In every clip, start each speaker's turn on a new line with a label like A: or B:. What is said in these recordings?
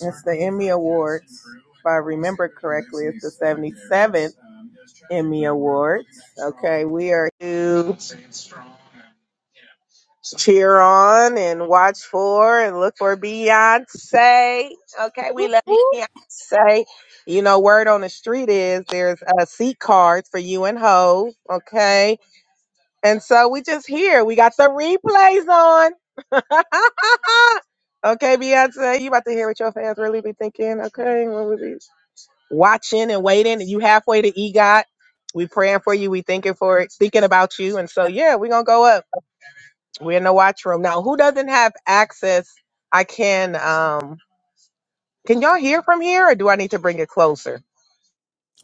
A: It's the Emmy Awards. If I remember correctly, it's the 77th Emmy Awards. Okay, we are to cheer on and watch for and look for Beyonce. Okay, we
B: Whoop,
A: love you,
B: whoop.
A: Beyonce. You know, word on the street is there's uh, seat cards for you and Ho. Okay, and so we just here. We got the replays on. Okay, Beyonce, you about to hear what your fans really be thinking, okay? What was it? watching and waiting. You halfway to EGOT. We praying for you. We thinking for it, thinking about you. And so yeah, we're gonna go up. We're in the watch room. Now who doesn't have access? I can um can y'all hear from here or do I need to bring it closer?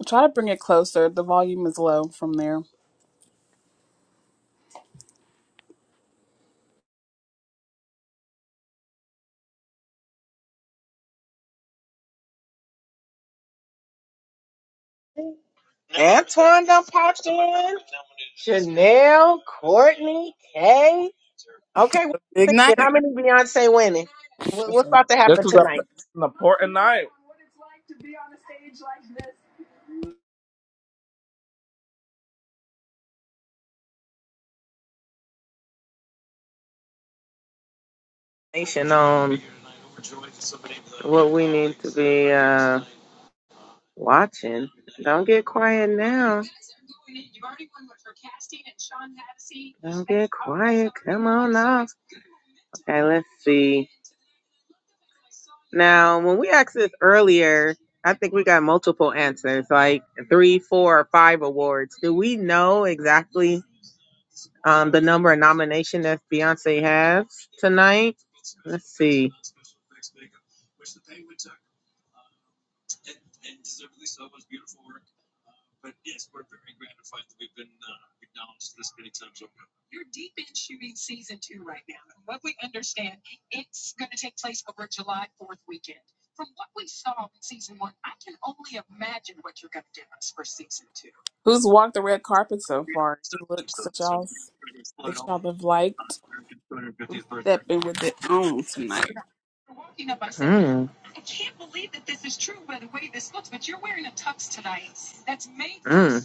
B: Try to bring it closer. The volume is low from there.
A: Antoine done popped in. Chanel, Courtney, Kay. Okay, what you thinking? How many Beyonce winning? What,
B: That's
A: what's
B: a-
A: about to
C: This
A: happen
C: is a,
A: tonight?
C: an important night.
A: Nation on what we need to be. uh Watching. Don't get quiet now. Don't get quiet. Come on off. Okay, let's see. Now, when we asked this earlier, I think we got multiple answers, like three, four, or five awards. Do we know exactly um, the number of nomination that Beyonce has tonight? Let's see.
B: Who's walked the red carpet so far? Any looks that y'all that y'all have liked stepping with it on tonight.
A: You're walking up, I you're Mm. I can't believe that this is true by the way this looks, but you're wearing a tux tonight that's made Mm. from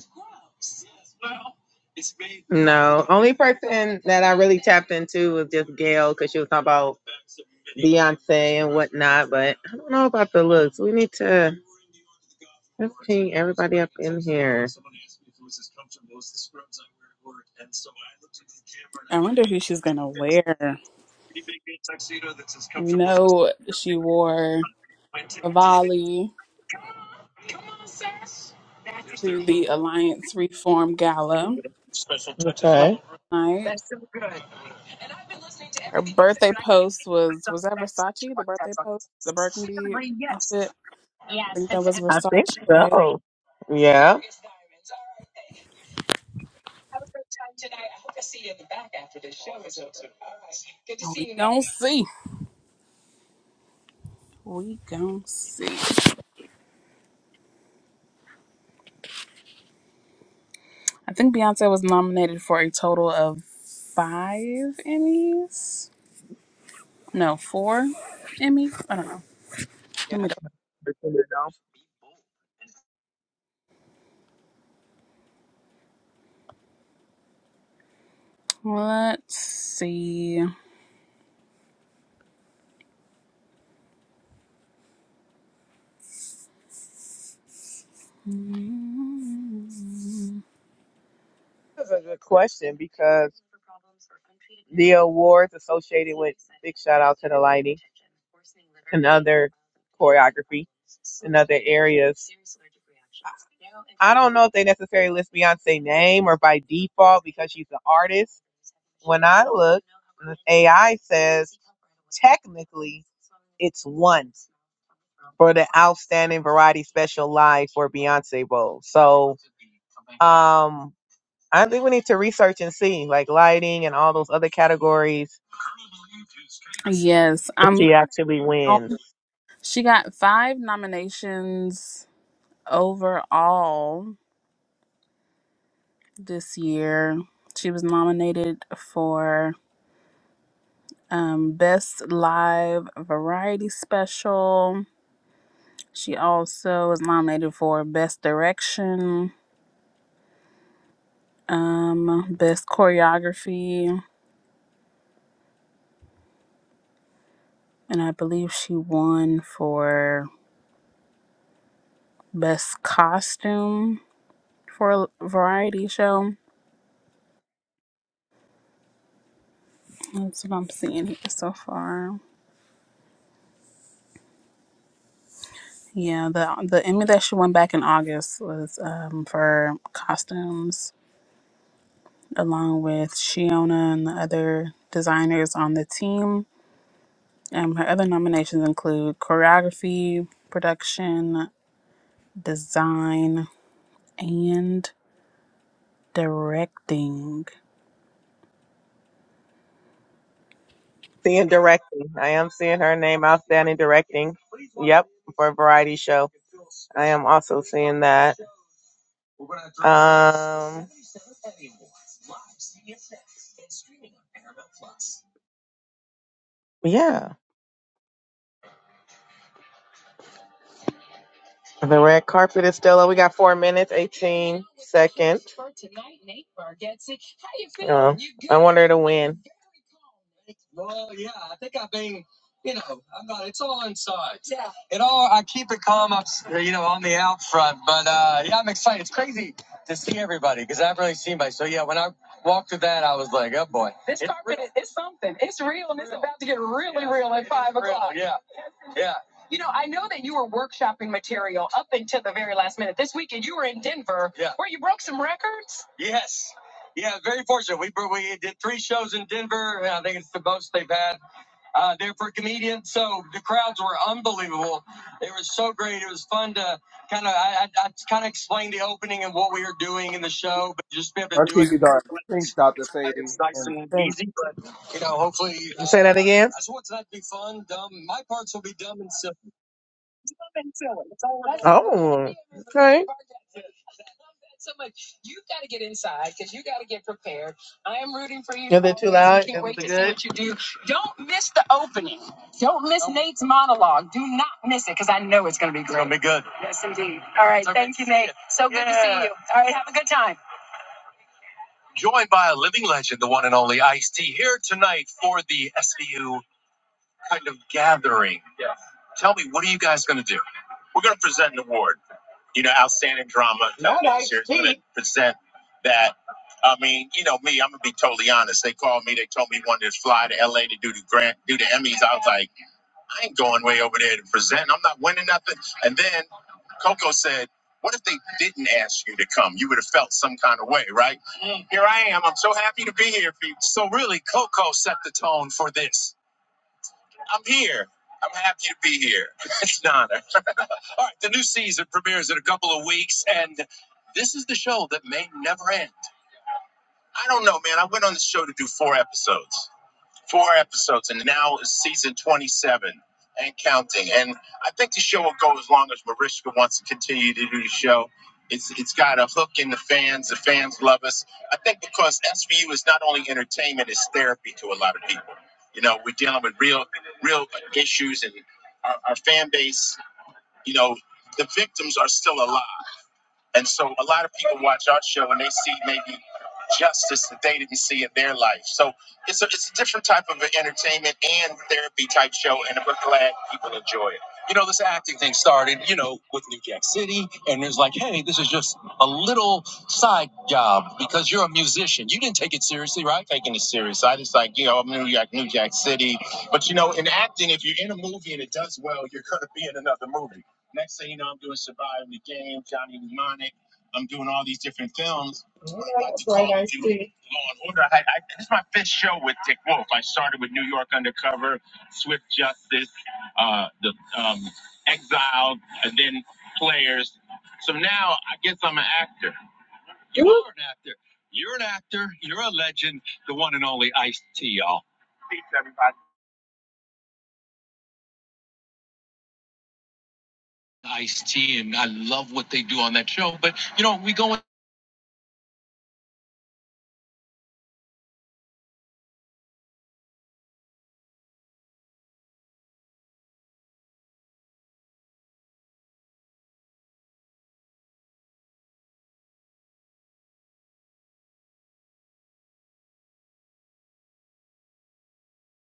A: scrubs. Well, it's made. No, only person that I really tapped into was just Gail because she was talking about Beyonce and whatnot. But I don't know about the looks. We need to let's ping everybody up in here.
B: I wonder who she's gonna wear. We know she wore Cavalli to the Alliance Reform Gala last
A: Okay.
B: night. Her birthday post was was that Versace? The birthday post, the burgundy outfit. I think that was
A: I think
B: Versace.
A: so. Yeah.
B: We gonna see. We gonna see. I think Beyonce was nominated for a total of five Emmys. No, four Emmys. I don't know. Let
A: Yeah.
B: me. Let's see.
A: That's a good question because the awards associated with big shout out to the lighting and other choreography and other areas. I don't know if they necessarily list Beyonce name or by default because she's an artist. When I look, the AI says technically it's one for the outstanding variety special live for Beyonce Bowl. So, um, I think we need to research and see, like lighting and all those other categories,
B: Yes,
A: if
B: I'm.
A: she actually wins.
B: She got five nominations overall this year. She was nominated for um, Best Live Variety Special. She also was nominated for Best Direction, um, Best Choreography, and I believe she won for Best Costume for a variety show. That's what I'm seeing here so far. Yeah, the the Emmy that she won back in August was um, for costumes, along with Shiona and the other designers on the team. Um, her other nominations include choreography, production, design, and directing.
A: Seeing directing. I am seeing her name outstanding directing. Yep, for a variety show. I am also seeing that. Um, yeah. The red carpet is still up. We got four minutes, 18 seconds. Um, I want her to win. it all I keep it calm up, you know, on the out front. But uh, yeah, I'm excited. It's crazy to see everybody because I've really seen my. So yeah, when I walked through that, I was like, oh boy, this it's carpet real. isn't. It's real and it's real. about to get really Yeah, real at five o'clock. Yeah, yeah. You know, I know that you were workshopping material up until the very last minute. This weekend, you were in Denver, yeah. where you broke some records. Yes. Yeah, very fortunate. We we did three shows in Denver. I think it's the most they've had uh, they're for comedians, so the crowds were unbelievable. It was so great. It was fun to kind of I, I, I kind of explain the opening and what we were doing in the show, but just be able to
C: Our
A: do it.
C: TV dark synced out this 80 and synced.
A: You know, hopefully. You uh, Say that again. I just want tonight to be fun, dumb. My parts will be dumb and silly. Oh, okay. So much. You you you. got got to to get get inside because you got to get prepared. I am rooting for you. Is it too loud? can't Is it wait too to see good? What you do. Don't miss the opening. Don't miss Don't- Nate's monologue. Do not miss it because I know It's gonna be great. It's going to be good. Yes, indeed. All right, all right, thank you, Nate. So, all right. have a good time. Joined by a living legend, the one and only Ice T, here tonight for the SVU kind of gathering. Tell me, what are you guys gonna do? We're gonna present an award. You know, outstanding drama. Present that I mean, you know me, I'm gonna be totally honest. They called me, they told me wanted to fly to LA to do the grant do the Emmys. I was like, I ain't going way over there to present. I'm not winning nothing. And then Coco said, What if they didn't ask you to come? You would have felt some kind of way, right? Mm. Here I am. I'm so happy to be here, people. So really, Coco set the tone for this. I'm here. I'm happy to be here. it's an honor. All right, the new season premieres in a couple of weeks, and this is the show that may never end. I don't know, man. I went on the show to do four episodes, four episodes, and now it's season 27 and counting. And I think the show will go as long as Mariska wants to continue to do the show. It's, it's got a hook in the fans. The fans love us. I think because SVU is not only entertainment, it's therapy to a lot of people. You know, we're dealing with real, real issues, and our, our fan base, you know, the victims are still alive. And so a lot of people watch our show and they see maybe justice that they didn't see in their life. So it's a, it's a different type of an entertainment and therapy type show, and we're glad people enjoy it. I'm taking it serious. I just like, you know, I'm New York, New Jack City. But you know, in acting, if you're in a movie and it does well, you're gonna be in another movie. Next thing you know, I'm doing Surviving the Game, Johnny Mnemonic. I'm doing all these different films. Yeah, that's right, I do see. Law and Order. I, I, this is my fifth show with Dick Wolf. I started with New York Undercover, Swift Justice, uh, the um, Exiled, and then Players. So now I guess I'm an actor.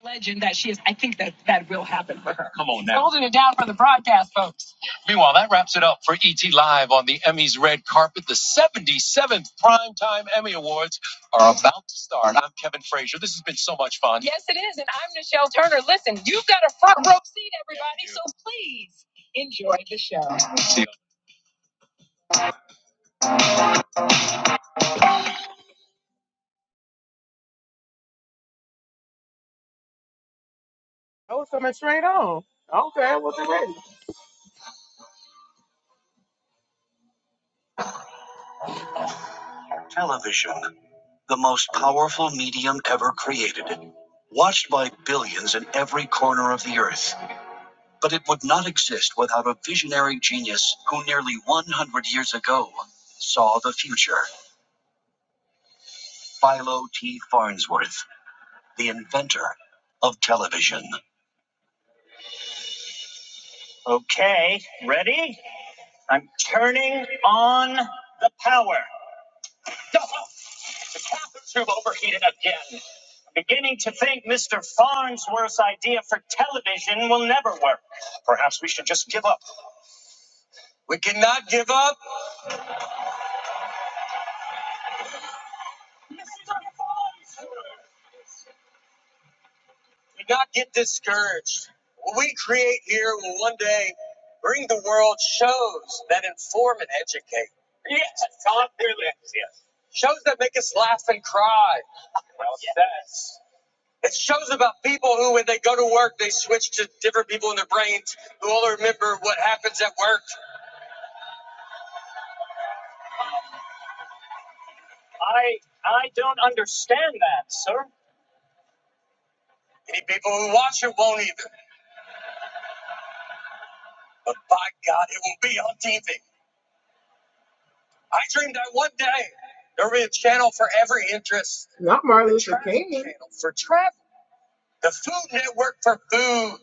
A: legend that she is. I think that that will happen for her. Come on now. holding it down for the broadcast, folks. Meanwhile, that wraps it up for ET Live on the Emmy's red carpet, the seventh one. Yes, it is. And I'm Nichelle Turner. Listen, you've got a front row seat, everybody. So please enjoy the show. Oh, it's coming straight on. Okay, well, get ready. Television, the most powerful medium ever created, watched by billions in every corner of the earth. But it would not exist without a visionary genius who nearly 100 years ago saw the future. Philo T. Farnsworth, the inventor of television. Okay, ready? I'm turning on. Tube overheated. I'm beginning to think Mr. Farnsworth's idea for television will never work. We cannot give up. Do not get discouraged. What we create here will one day bring the world shows that inform and educate. Yes, God brilliant. Yes. Shows that make us laugh and cry. Well yes. said. Yes. It shows about people who, when they go to work, they switch to different people in their brains who all remember what happens at work. I I don't understand that, sir. Any people who watch it won't either. But by God, it will be on TV. I dreamed that one day there would be a channel for every interest. Not Martin The Luther King. channel for travel. The Food Network for food.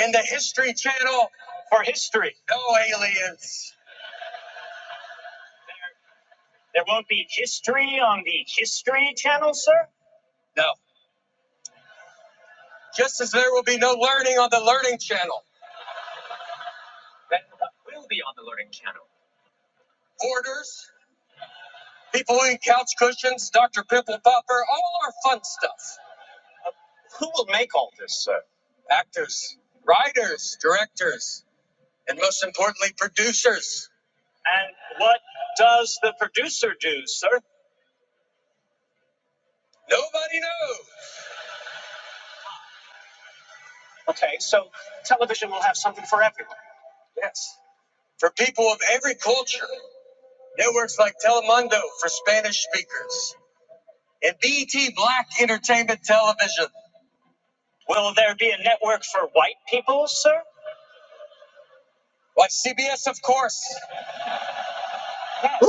A: And the History Channel for history. No aliens. There won't be history on the History Channel, sir? No. Just as there will be no learning on the Learning Channel. Then what will be on the Learning Channel? Orders, people eating couch cushions, Dr. Pimple Popper, all our fun stuff. Who will make all this? Uh, actors, writers, directors, and most importantly, producers. And what does the producer do, sir? Nobody knows. Okay, so television will have something for everyone. Yes, for people of every culture. Networks like Telemundo for Spanish speakers and BET Black Entertainment Television. Will there be a network for white people, sir? Like CBS, of course. Yes.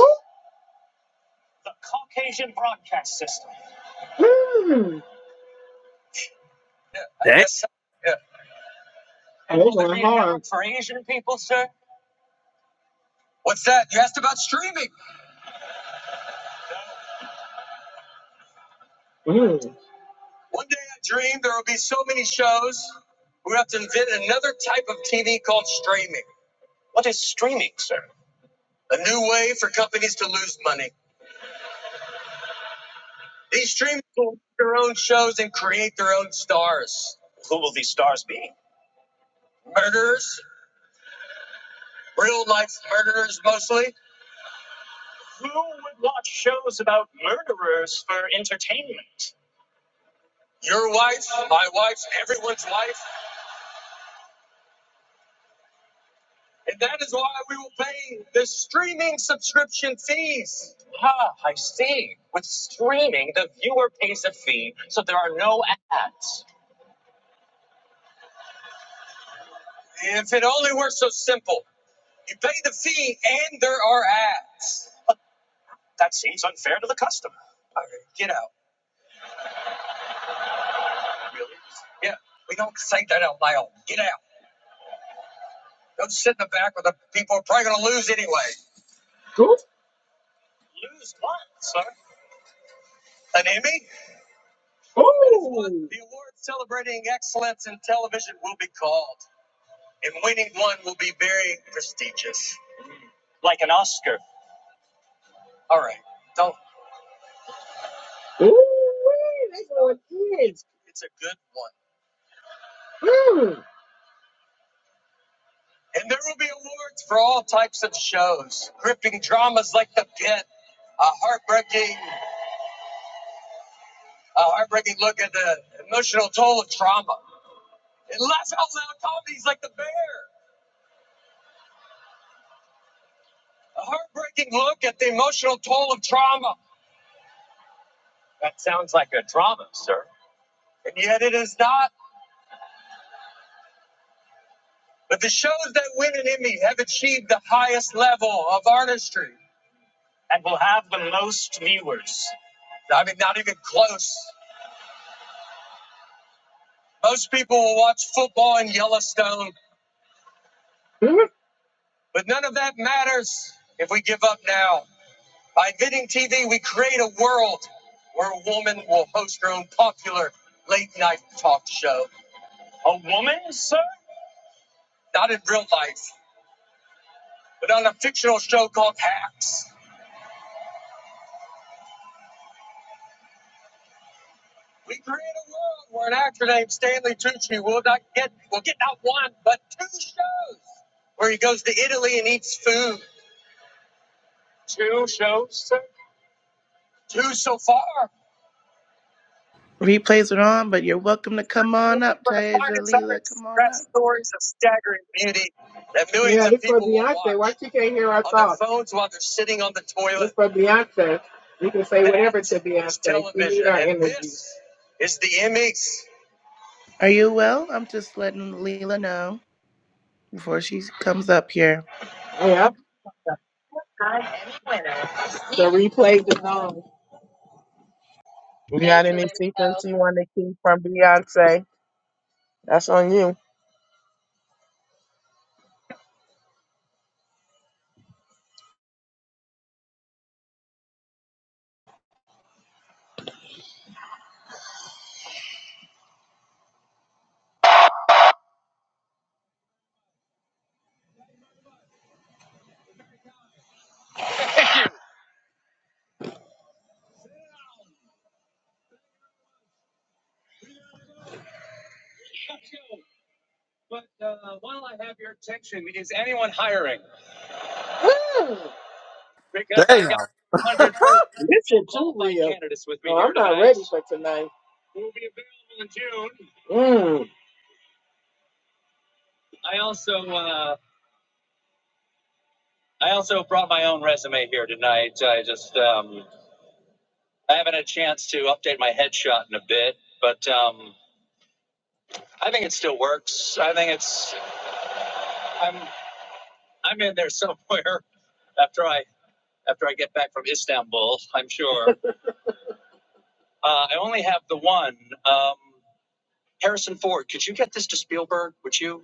A: The Caucasian Broadcast System. Yeah, I
C: Dang.
A: guess so. Yeah. For Asian people, sir? What's that? You asked about streaming. One day I dreamed there will be so many shows, we have to invent another type of TV called streaming. What is streaming, sir? A new way for companies to lose money. These streamers will make their own shows and create their own stars. Who will these stars be? Murderers. Real life murderers, mostly. Who would watch shows about murderers for entertainment? your wife, my wife, everyone's wife. And that is why we will pay the streaming subscription fees. Ah, I see. With streaming, the viewer pays a fee, so there are no ads. If it only were so simple. You pay the fee and there are ads. That seems unfair to the customer. All right, get out. Yeah, we don't say that out loud. Get out. Don't sit in the back with the people who are probably going to lose anyway. Lose what, sir? An Emmy? The award celebrating excellence in television will be called, and winning one will be very prestigious, like an Oscar. All right, don't. Ooh. It's a good one. And there will be awards for all types of shows, gripping dramas like The Pit, a heartbreaking, a heartbreaking look at the emotional toll of trauma, and laugh out loud comedies like The Bear, a heartbreaking look at the emotional toll of trauma. Trauma, sir. And yet, it is not. But the shows that win an Emmy have achieved the highest level of artistry and will have the most viewers. I mean, not even close. Most people will watch football and Yellowstone, but none of that matters if we give up now. By inventing TV, we create a world where a woman will host her own popular late night talk show. A woman, sir? Not in real life, but on a fictional show called Hacks. We create a world where an actor named Stanley Tucci will not get will get not one but two shows where he goes to Italy and eats food. Two so far.
D: Replays are on, but you're welcome to come on up,
A: For the
D: Taisha
A: finest
D: Leela.
A: artists,
D: Come on
A: craft
D: up.
A: stories of staggering beauty that millions Yeah, of people will watch Watch our on thoughts. their phones while they're sitting on the toilet. for say whatever to Beyonce. She need television, We are and this is the Emmys.
D: Are you well? I'm just letting Leela know before she comes up here.
A: The replay is on. You got
E: Thanks, for
A: any
E: letting me know.
A: secrets you want to keep from Beyonce? That's on you. Because I
C: Damn.
A: got 130. Yep. candidates with me No, I'm not ready I also uh, I also brought my own resume here tonight. I just um, I haven't had a chance to update my headshot in a bit, but um, I think it still works. I think it's I'm I'm in there somewhere after I after I get back from Istanbul. I'm sure. Uh, I only have the one. Um, Harrison Ford, could you get this to Spielberg? Would you?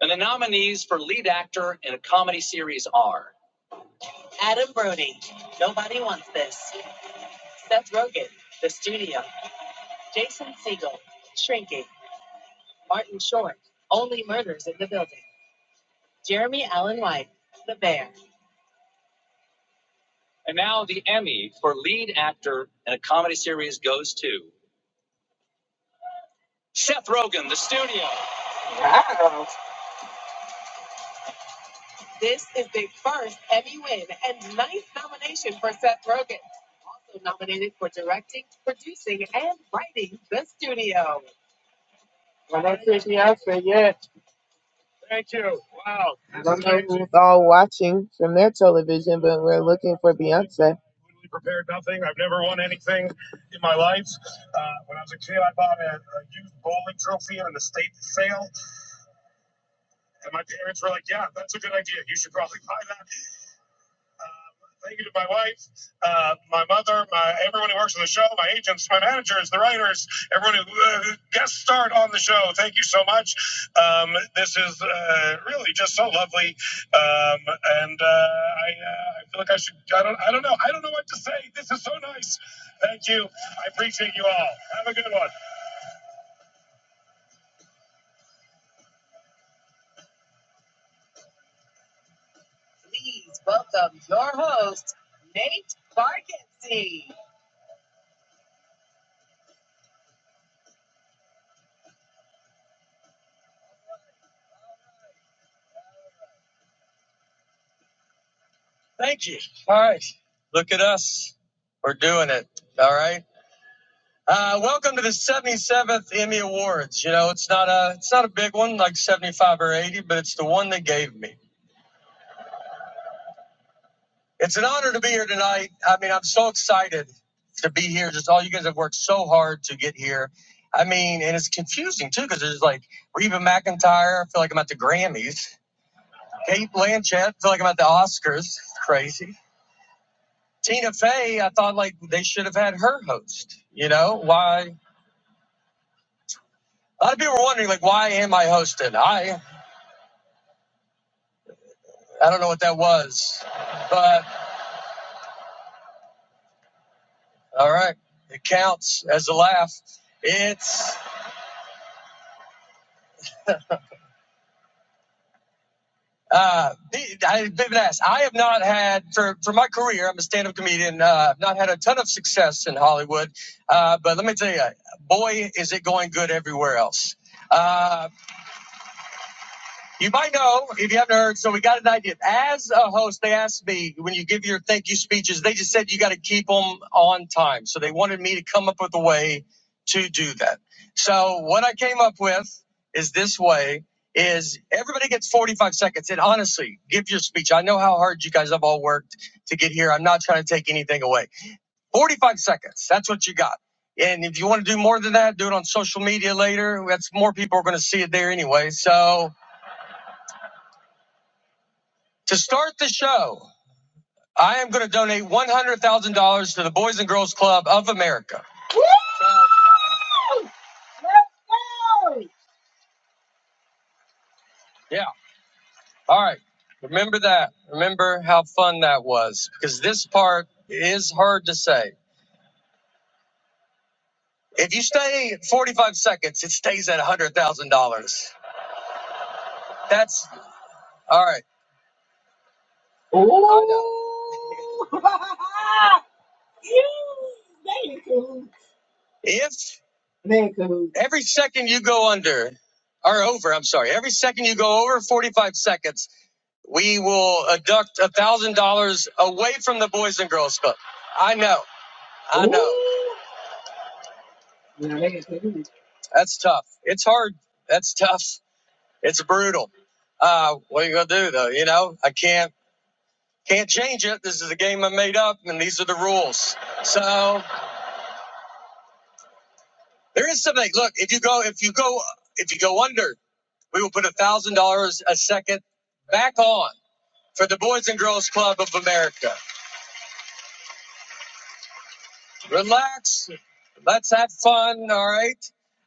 A: And the nominees for lead actor in a comedy series are Adam Brody. Nobody wants this. Seth Rogen, The Studio, Jason Segel, Shrinking, Martin Short, Only Murders in the Building, Jeremy Allen White, The Bear. And now the Emmy for lead actor in a comedy series goes to Seth Rogen, The Studio. This is the first Emmy win and ninth nomination for Seth Rogen. Also nominated for directing, producing, and writing The Studio. Well, that's it, yeah, say yes. Thank you. Wow, I that's don't know amazing. who's all watching from their television, but we're looking for Beyonce. Totally prepared nothing. I've never won anything in my life. Uh, when I was a kid, I bought a, a used bowling trophy at an estate sale, and my parents were like, "Yeah, that's a good idea. You should probably buy that." Thank you to my wife, uh, my mother, my everyone who works on the show, my agents, my managers, the writers, everyone who uh, guest starred on the show. Thank you so much. Um, this is uh, really just so lovely, um, and uh, I, uh, I feel like I should. I don't. I don't know. I don't know what to say. This is so nice. Thank you. I appreciate you all. Have a good one. Thank you. All right. Look at us. We're doing it. All right. Uh, welcome to the 77th Emmy Awards. You know, it's not a it's not a big one like 75 or 80, but it's the one they gave me. It's an honor to be here tonight. I mean, I'm so excited to be here. Just all you guys have worked so hard to get here. I mean, and it's confusing too because there's like Reba McIntyre. I feel like I'm at the Grammys. Kate Blanchett. I feel like I'm at the Oscars. It's crazy. Tina Fey. I thought like they should have had her host. You know why? A lot of people were wondering like why am I hosting? I I don't know what that was, but all right, it counts as a laugh. It's uh, I've been asked. I have not had for for my career. I'm a stand-up comedian. Uh, I've not had a ton of success in Hollywood, uh, but let me tell you, boy, is it going good everywhere else. Uh, You might know if you haven't heard. So we got an idea. As a host, they asked me when you give your thank you speeches, they just said you got to keep them on time. So they wanted me to come up with a way to do that. So what I came up with is this way is everybody gets 45 seconds and honestly give your speech i know how hard you guys have all worked to get here i'm not trying to take anything away 45 seconds that's what you got and if you want to do more than that do it on social media later that's more people are going to see it there anyway so To start the show, I am going to donate $100,000 to the Boys and Girls Club of America. Yeah. All right. Remember that. Remember how fun that was because this part is hard to say. If you stay at 45 seconds, it stays at $100,000. That's all right. If every second you go under or over, I'm sorry, every second you go over 45 seconds, We will deduct a thousand dollars away from the Boys and Girls Club. I know. I know. That's tough. It's hard. That's tough. It's brutal. Uh, what are you gonna do though? You know, I can't can't change it. This is a game I made up, and these are the rules. So there is something. Look, if you go, if you go, if you go under, we will put a thousand dollars a second back on for the Boys and Girls Club of America. relax. Let's have fun. All right.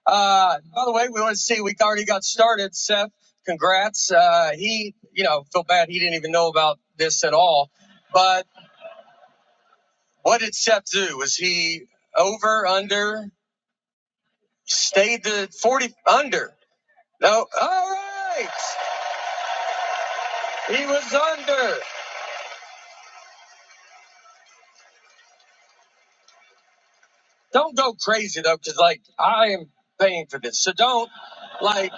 A: Uh, by the way, we want to see. We already got started. Seth, congrats. Uh, he, you know, felt bad he didn't even know about this at all. But what did Seth do? Was he over under? Stayed the forty under? No. All right. He was under. Don't go crazy though, because like I am paying for this. So don't like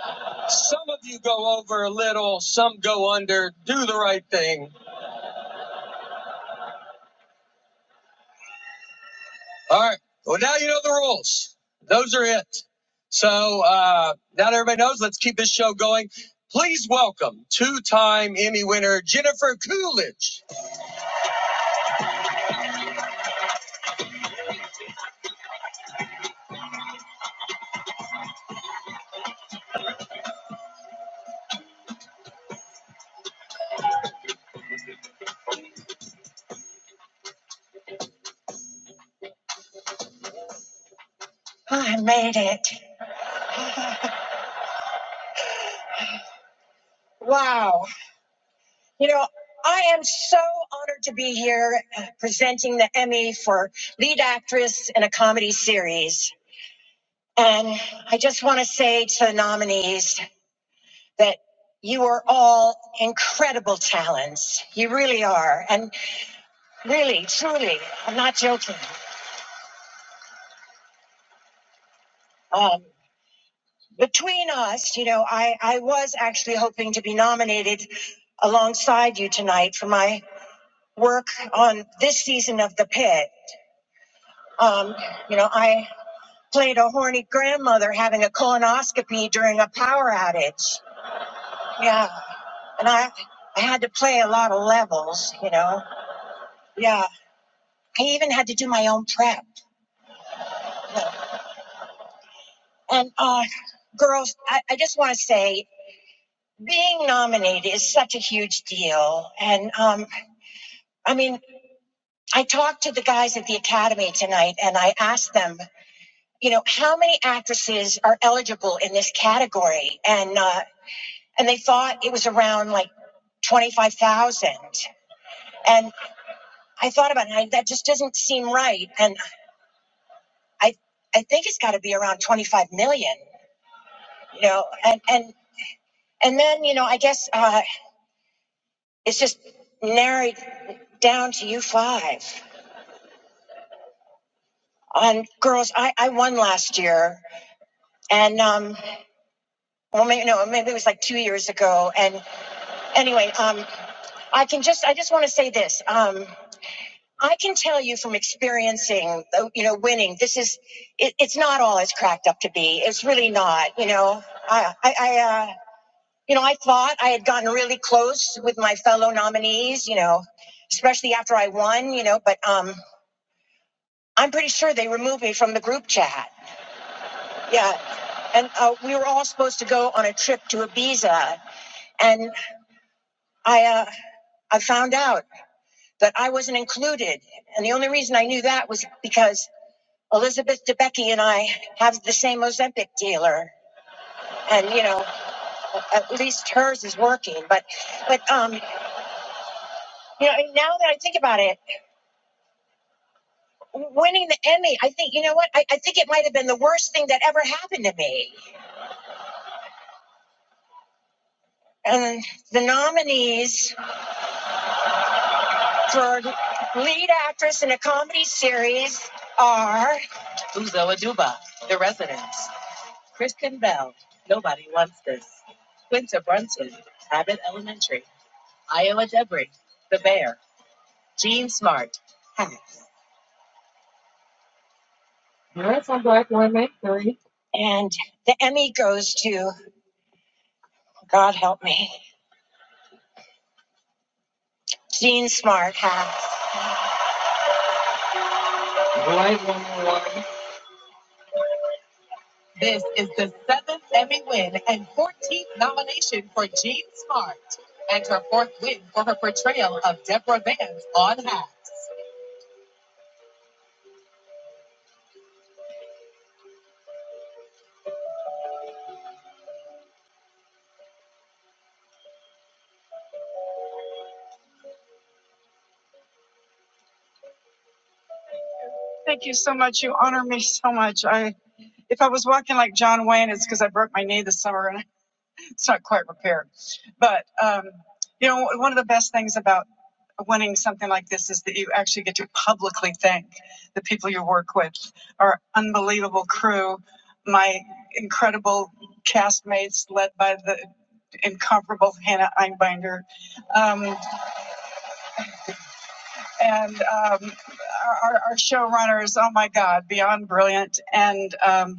A: some of you go over a little, some go under. Do the right thing. All right. Well, now you know the rules. Those are it. So uh, now that everybody knows, let's keep this show going. Please welcome two-time Emmy winner Jennifer Coolidge. Wow. You know, I um, between us, you know, I I was actually hoping to be nominated alongside you tonight for my work on this season of the pit. Um, you know, I played a horny grandmother having a colonoscopy during a power outage. Yeah, and I I had to play a lot of levels. You know, yeah. I even had to do my own prep. And uh, girls, I, I just want to say, oh, and I to them, how are you? and uh, girls, I, I and um, well, maybe no, maybe it was like two years ago. And anyway, um, I can just, I just want to say this. Um, I can tell you from experience You know, I, I, uh, you know, I fought and really easy, you know, especially after, you know, but um, I'm pretty sure they removed me from the group chat. Yeah, and uh, we were all supposed to go on a trip to Ibiza, and I, uh, I found out that Elizabeth Debicki and I have the same Ozempic, at least hers is. You know, and now that I think about it, winning the Emmy, I think, you know what? I, I think it might have been the worst thing that ever happened to me. And the nominees, Uzo Aduba, the residents. Kristen Bell, Nobody Wants This. Quinta Brunson, Abbott Elementary. Iowa Debris, The Bear, Gene Smart, and you. This is the seventh Emmy win and 14th nomination for Gene Smart, and her fourth win for her portrayal of Deborah Vance on Hacks. Thank you so much. You honor me so much. I, if I was walking like John Wayne, it's because I broke my knee this summer. and it's not quite repaired. But um, you know, one of the best things about winning something like this is that you actually get to publicly thank the people you work with, our unbelievable crew, my incredible castmates led by the incomparable Hannah Einbinder, um, and um, our, our our showrunners. Oh my God, beyond brilliant and. um,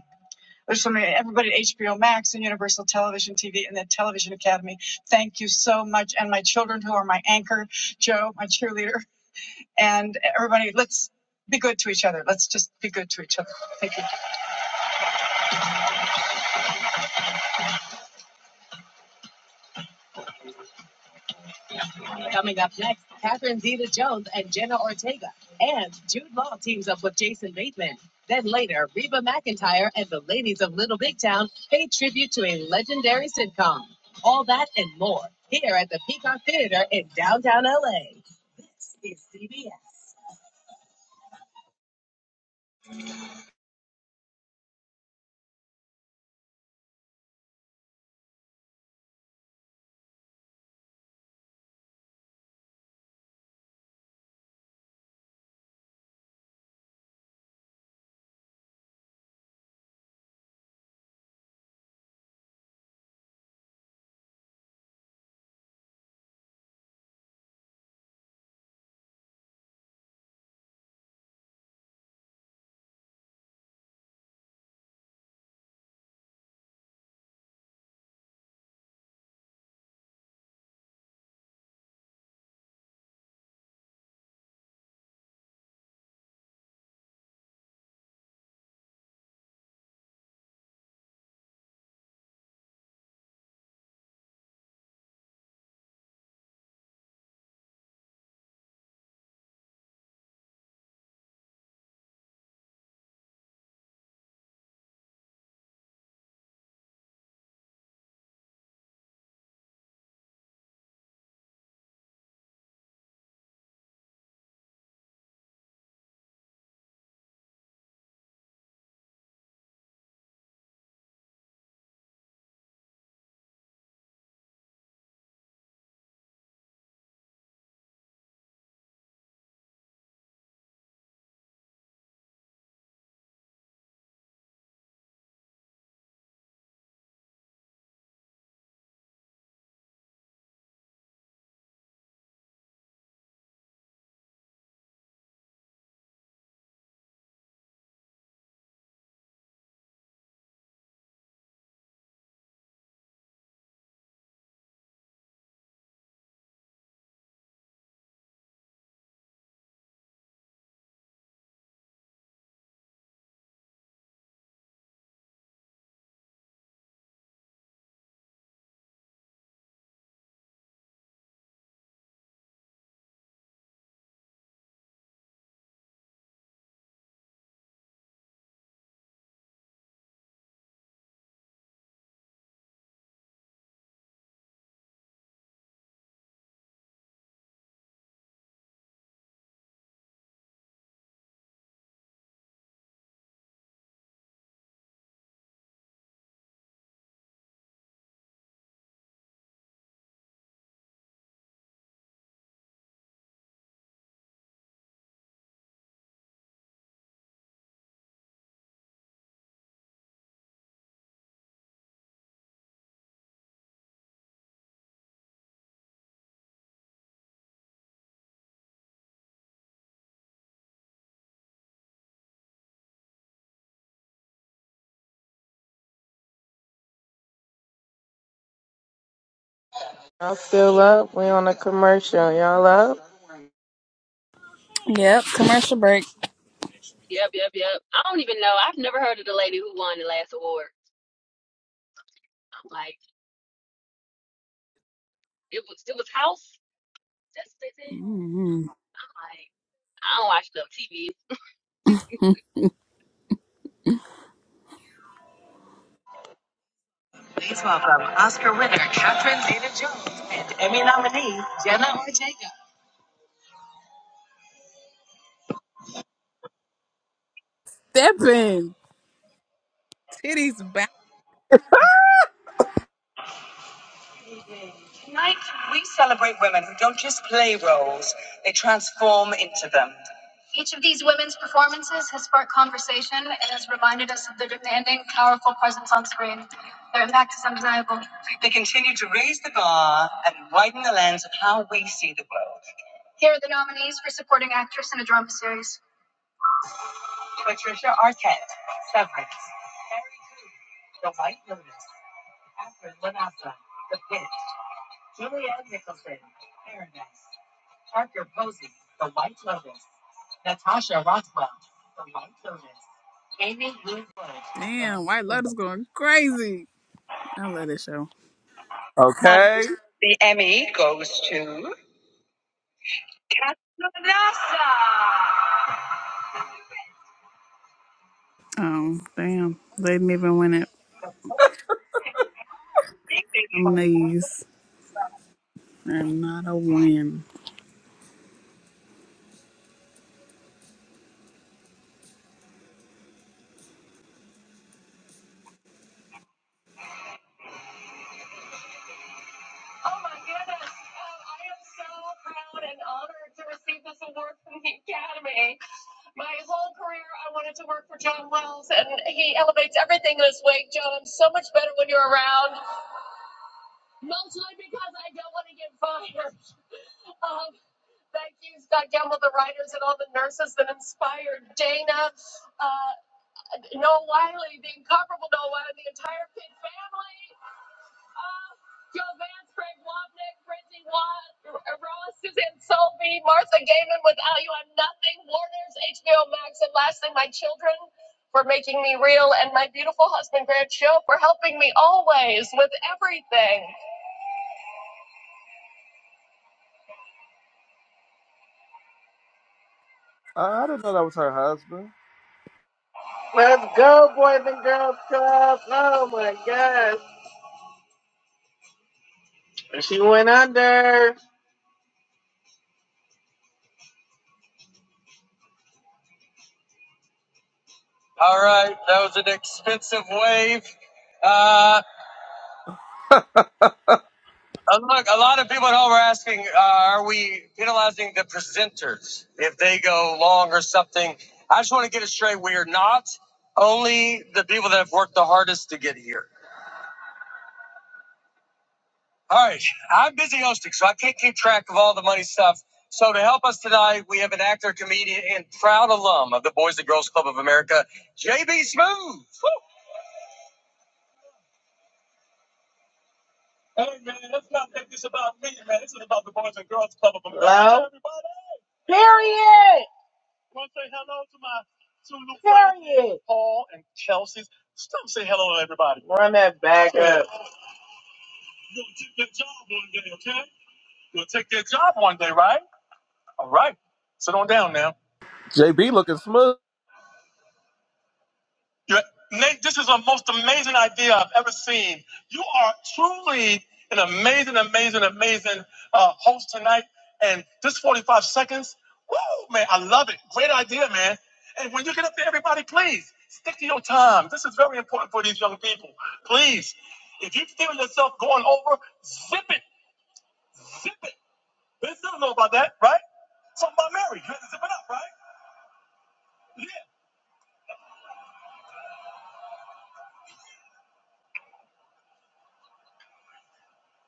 A: There's so many, everybody at HBO Max and Universal Television TV and the Television Academy. Thank you so much. And my children who are my anchor, Joe, my cheerleader, and everybody, let's be good to each other. Let's just be good to each other. Thank you. Coming up next, Catherine Zeta Jones and Jenna Ortega. And Jude Law teams up with Jason Bateman. Then later, Reba McIntyre and the ladies of Little Big Town pay tribute to a legendary sitcom. All that and more here at the Peacock Theater in downtown LA. Y'all still up? We on a commercial. Y'all up?
B: Yep, commercial break.
E: yep, yep, yep. I don't even know. I've never heard of the lady who won the last award. I'm like, it was it was House. That's what they said.
B: mm
E: I'm like, I don't watch no TV.
B: Stepping, titties back.
A: They transform. them. Each of these women's performances has sparked. They continue to raise the bar and widen the lens of how we see the world. The nominee drums. Patricia Arquette, Severance. Harry Coon, The White Lotus, Afrin Lanasa, The Pit, Julianne Nicholson, Paradise. Parker Posey, The White Lotus. Natasha Rothwell, The White Lotus. Amy Lou Wood, The White
B: Damn, White Lotus
A: Lotus.
B: going crazy. I love this show.
A: And
C: Okay.
A: the Emmy goes to Casanasa.
B: Oh, damn. They didn't even win it. Nominees are not a win.
C: Uh, I didn't know that was her husband.
A: Let's go, boys and girls club. Oh my gosh. Thunder. All right, that was an expensive wave. Uh. Uh, look, a lot of people at home are asking, uh, are we penalizing the presenters if they go long or something? I just want to get it straight. We are not only the people that have worked the hardest to get here. All right. I'm busy hosting, so I can't keep track of all the money stuff. So to help us tonight, we have an actor, comedian, and proud alum of the Boys and Girls Club of America, JB Smooth. Hey, man, let's not make this about me, man. This is about the Boys and Girls Club of America. Hello? Period. Want to say hello to my to the friends, Paul and Kelsey. Stop say hello to everybody. Right? You're gonna take that job one day, okay? You'll take that job one day, right? All right. Sit on down now.
C: JB looking smooth.
A: You're, Nate, this is the most amazing idea I've ever seen. You are truly an amazing, amazing, amazing uh, host tonight. And this 45 seconds, woo, man, I love it. Great idea, man. And when you get up there, everybody, please stick to your time. This is very important for these young people. Please, if you feel yourself going over, zip it.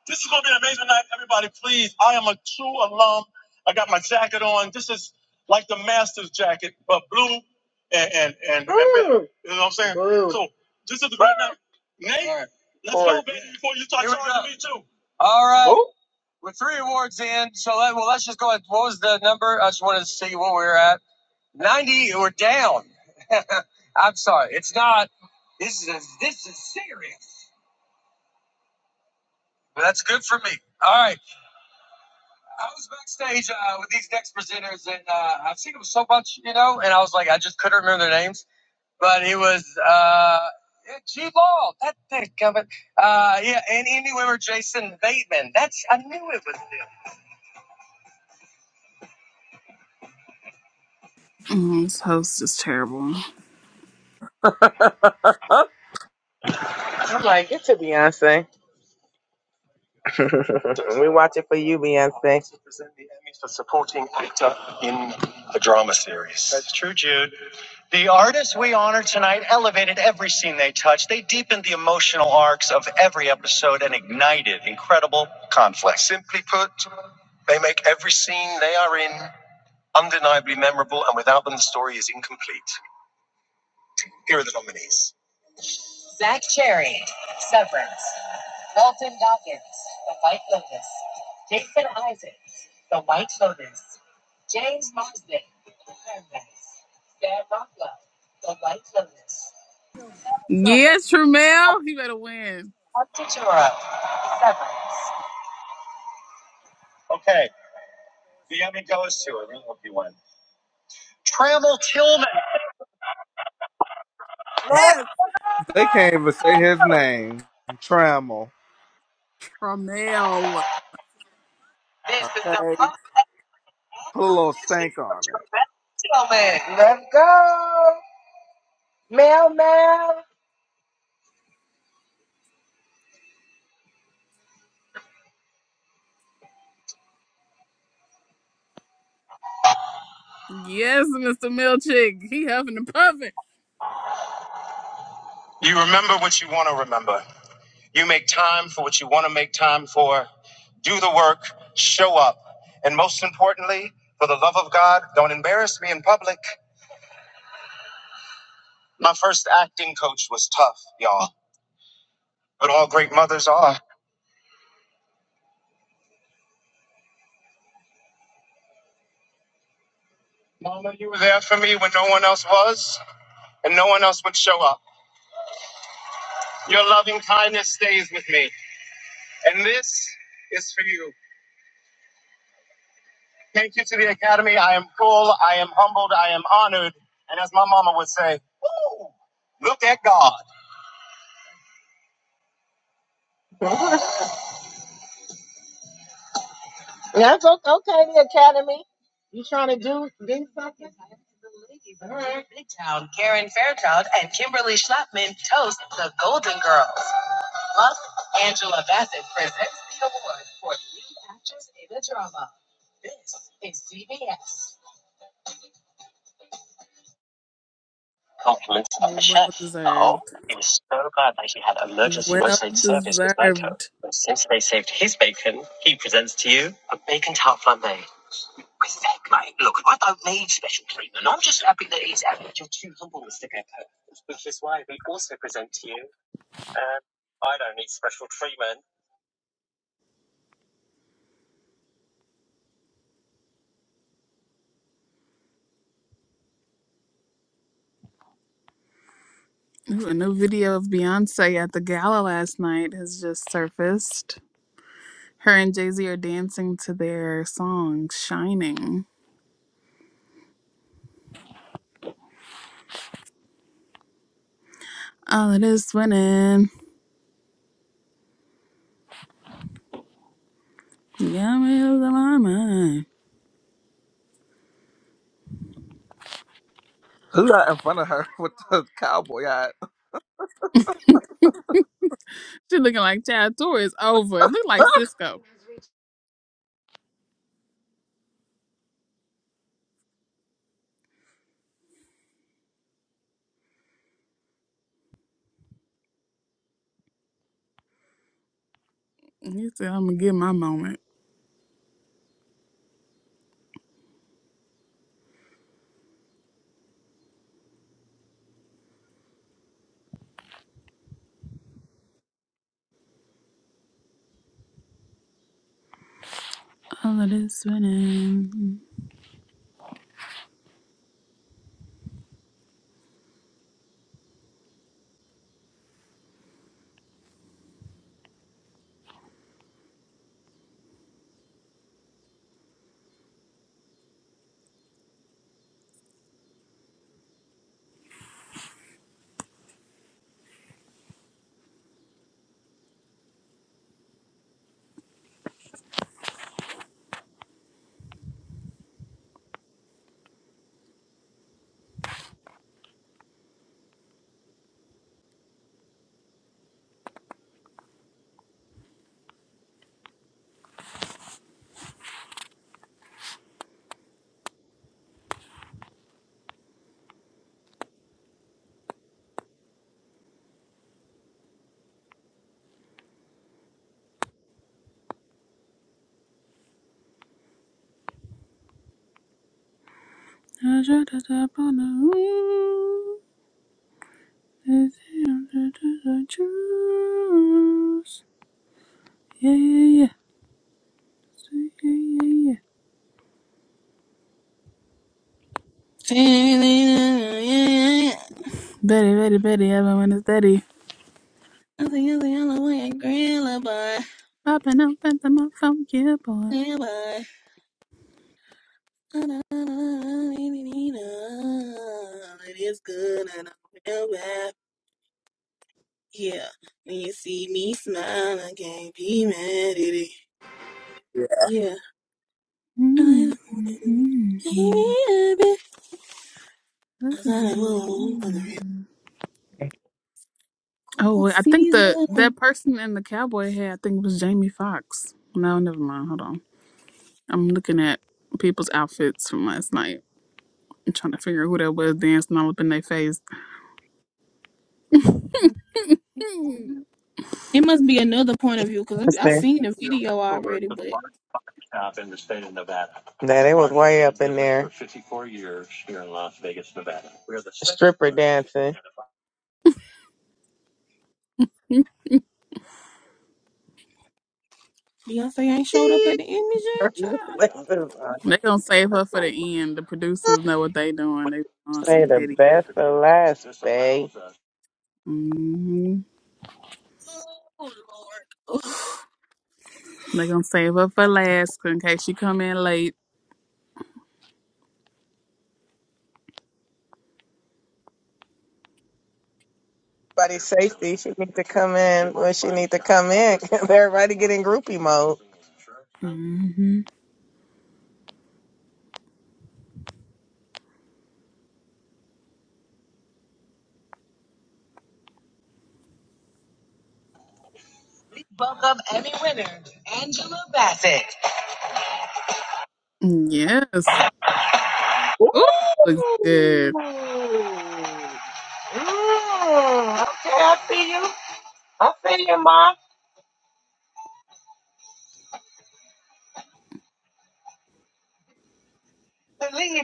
A: This is going to be an amazing night, everybody. Please, I am a true alum. I got my jacket on. This is like the Masters jacket, but blue and and and, and red. So, right now, Nate, All right. All right. Oh. With three awards in, so let, well, let's just go ahead. What was the number? I just wanted to see what we were at. 90, we're down. I'm sorry. It's not. This is this is serious. But that's good for me. All right. I was backstage uh, with these next presenters, and uh, I've seen them so much, you know, and I was like, I just couldn't remember their names. but it was uh, yeah, G Ball. That thick of it. Uh, yeah, and Andy Weber, Jason Bateman. That's I knew it was him.
B: Mm, this host is terrible.
A: I'm like, it's a Beyonce. we watch it for you, Beyonce. The artists we honor tonight elevated every scene they touched. They deepened the emotional arcs of every episode and ignited incredible conflict. Simply put, they make every scene they are in undeniably memorable and story. Today's Wednesday, the Paradise, Sarah Rockwell, The White Lotus, Savannah Silver,
B: Yes, Tramel. He better win.
A: Up to Choro, Severance. Okay, the Emmy goes to her. We hope you win.
B: Yes,
C: they can't even say his name. Trammell.
B: Tramel.
A: This is the
C: Okay.
A: first
C: Put a little
A: nomination
C: stank
A: for
C: on it.
A: Tremendous Gentleman. Let's go. Mel, Mel.
B: Yes, Mr. Milchick. He huffing and puffing.
A: You remember what you want to remember. You make time for what you want to make time for. Do the work, show up. And most importantly, for the love of God, don't embarrass me in public. My first acting coach was tough, y'all, but all great mothers are. Mama, you were there for me when no one else was, and no one else would show up. Your loving kindness stays with me, and this is for you. Thank you to the Academy. I am full, I am humbled, I am honored, and as my mama would say, Woo, look at God. That's okay, okay, the Academy. You trying to do, do something? All right. Big town, Karen.
B: Oh, Well deserved. Well deserved.
A: To you. I'm special treatment. I'm just happy that he's happy.
B: Ooh, a new video of Beyonce at the gala last night has just surfaced. Her and Jay Z are dancing to their song "Shining." All of this winning, yeah, me losing my mind.
C: Who got in front of her with the cowboy hat?
B: She looking like Chad Tour is over. It looked like Cisco. He said, "I'm gonna get my moment." All of this winning. I tried to tap on the roof. It's him that I choose. Yeah, yeah, yeah.
F: Nothing
B: Betty, Betty, Betty, everyone is steady.
F: is the other way. I grill by.
B: Popping up at the mouth from boy.
F: It is good and I'm bad. Yeah. When you see me smile, I can't be mad at it.
C: Yeah.
F: Yeah. I
B: Mm-hmm.
F: thought I would for the
B: Oh, wait, I think the that
F: Season.
B: person in the cowboy hat, I think it was Jamie Foxx. No, never mind. Hold on. I'm looking at people's outfits from last night. I'm trying to figure out who that was dancing all up in their face. they
F: It must be another point of view because I
A: Yes,
F: I seen the video
A: ma'am.
F: already, but
A: That it was way up in there. Stripper dancing.
F: Beyonce ain't showed up at the image yet. child.
A: Listen,
B: gonna save her for the end. The producers know what they doing. They on some
A: say the
B: pity.
A: best for last, babe.
F: Oh
B: They're gonna save her for last in case she come in late.
A: Everybody's safety. She need to come in when she need to come in? Everybody get in groupie mode.
B: hmm Yes. Ooh, looks good.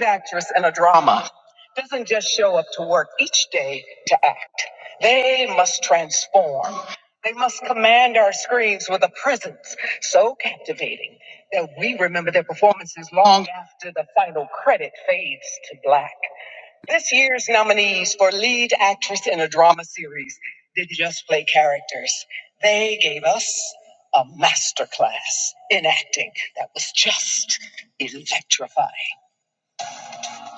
A: actress in a drama doesn't just show up to work each day to act. They must transform. They must command our screens with a presence so captivating that we remember their performances long after the final credit fades to black. This year's nominees for lead actress in a drama series did not just play characters. They gave us a masterclass in acting that was just electrifying.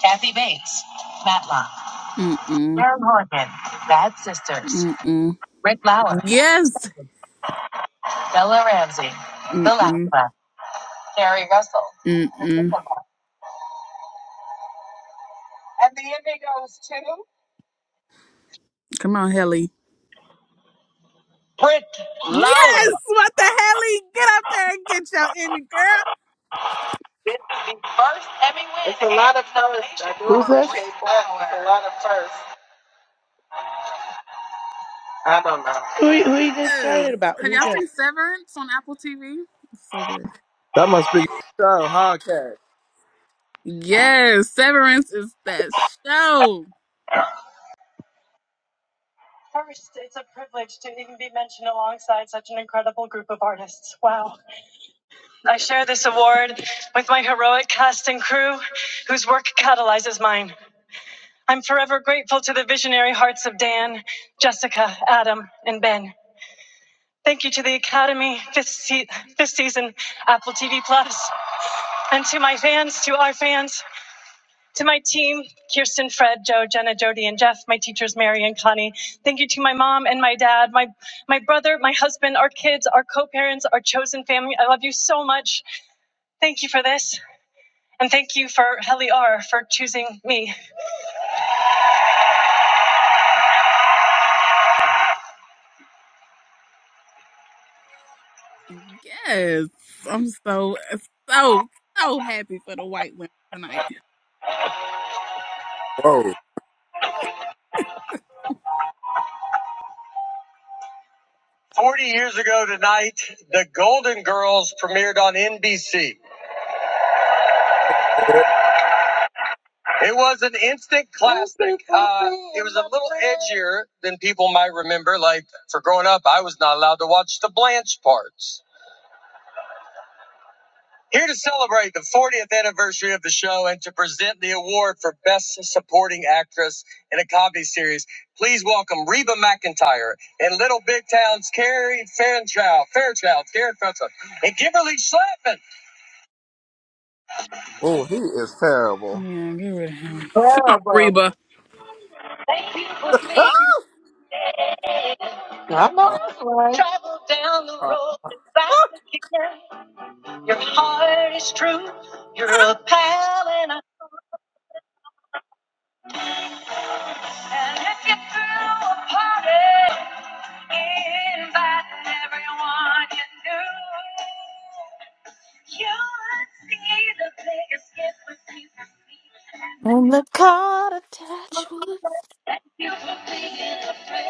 A: Kathy Bates, Matlock,
B: Mm-mm.
A: Aaron Horgan, Bad Sisters,
B: Mm-mm.
A: Rick Lauer,
B: Yes.
A: Bella Ramsey, The
B: Mm-mm.
A: Lacra, Carrie Russell,
B: Mm-mm.
A: And the indigos too.
B: Come on, Helly. Yes! What the Helly? Get up there and get your Emmy, girl.
A: It's a lot of firsts. I do
D: Who's this?
A: appreciate that. It's a lot of firsts. I don't know.
D: Who are, who are you excited
B: Yes.
D: about?
B: Have
D: Who's
B: y'all seen
D: that?
B: Severance on Apple TV? It's so good.
C: That must be Joe Hardcat.
B: Yes, Severance is that show.
A: I share this award with my heroic cast and crew, whose work catalyzes mine. I'm forever grateful to the visionary hearts of Dan, Jessica, Adam, and Ben. Thank you to the Academy this, se- this season, Apple TV Plus, and to my fans, to our fans, to my team, Kirsten, Fred, Joe, Jenna, Jody, and Jeff, my teachers, Mary, so much. Thank you for this, and thank you for using me.
B: Yes. I'm so so so happy for the white women tonight.
C: Whoa.
A: 40 years ago tonight, The Golden Girls premiered on NBC. It was an instant classic. Uh, it was a little edgier than people might remember. Like, for growing up, I was not allowed to watch the Blanche parts. Here to celebrate the 40th anniversary of the show and to present the award for Best Supporting Actress in a Comedy Series, please welcome Reba McIntyre and Little Big Town's Carrie Fairchild, Fairchild, Karen Fairchild, and Kimberly Schlappman.
C: Oh, he is terrible.
B: Yeah, get rid of him. Come on,
A: Yeah,
B: Reba.
A: I know that's right.
C: Ah!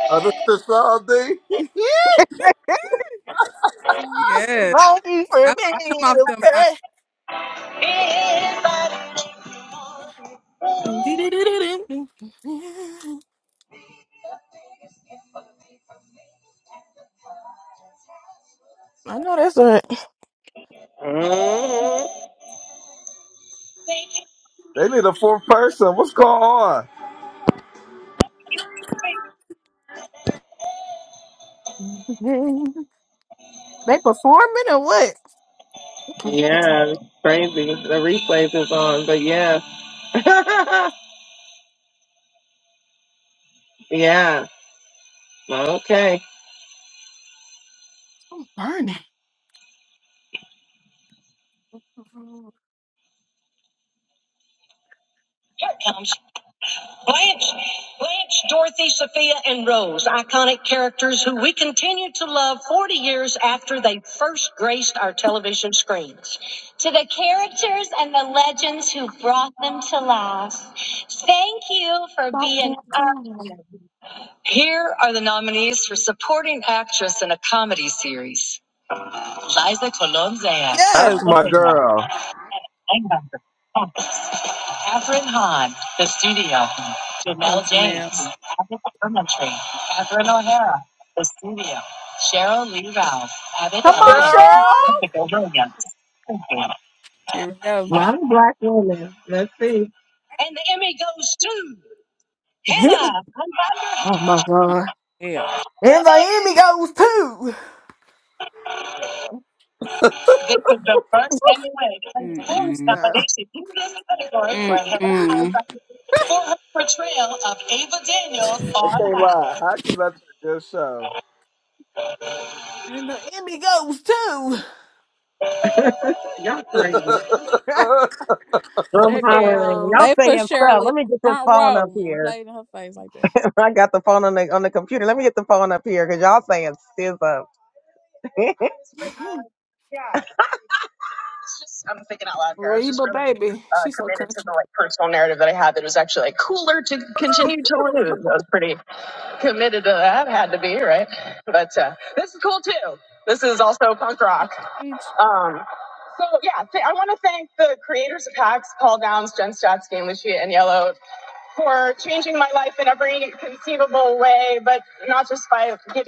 C: Oh, this this all day.
B: Yes.
F: Lord. Thank you
B: I
F: for picking
B: come
F: me
B: off
F: to
B: the mic.
F: pray. I know that's right.
C: they need a fourth person. What's going on?
F: They performing or what? I'm
A: Yeah, crazy. The replays is on, but yeah. yeah. Okay.
F: burning.
A: Blanche, Blanche, Dorothy, Sophia, and Rose, iconic characters who we continue to love 40 years after they first graced our television screens. to the characters and the legends who brought them to life. Thank you for
F: About
A: being
F: that
A: our
F: time.
A: friend. Here are the nominees for supporting actress in a comedy series. Liza
B: Yes.
C: That's my
A: Colón-Zayas.
C: girl.
A: Catherine Hahn, The Studio,
B: Come on,
A: Jamel James,
B: Janelle.
A: Abbott Elementary, Catherine O'Hara, The Studio, Cheryl Lee Ralph, Abbott
F: Come on,
A: Elementary,
F: Cheryl.
C: Cheryl.
A: Jessica Williams, Springfield.
B: Here we go.
A: And the Emmy goes to
F: Hit me.
A: Hannah
F: Oh my
B: Oh,
F: god.
B: hell.
F: And the Emmy goes too.
A: This is the first Emmy win and
F: Let me
A: fourth
B: Mm-mm.
F: stop.
A: nomination in this category for Hannah
B: Mm-mm.
A: Hunbander for her portrayal of Ava Daniels
C: I
A: on
C: can't
A: High.
C: lie. Hacks is actually a good show.
F: And the Emmy goes too.
A: I'm
F: that
A: hollering. Y'all
F: damn
B: They
A: say
B: put
A: yourself.
B: Shirley
A: Let me
B: on
A: get this
B: front
A: phone up
B: row and
A: here.
B: played in her face like that.
A: I got the phone on the on the computer. Let me get the phone up here because y'all saying sizz up. it's just I'm thinking out loud here. I was just
F: Reba
A: really
F: baby.
A: uh,
F: She's so
A: committed to
F: country.
A: the like personal narrative that I had that it was actually like cooler to continue to lose. I was pretty committed to that. Had to be right, but uh, this is cool too. This is also punk rock.
B: Bitch.
A: Um, so yeah, th- I want to thank the creators of Hacks, Paul Downs, Jen Statsky, and Lucia and Yellow for changing my life in every conceivable way, but not just by people.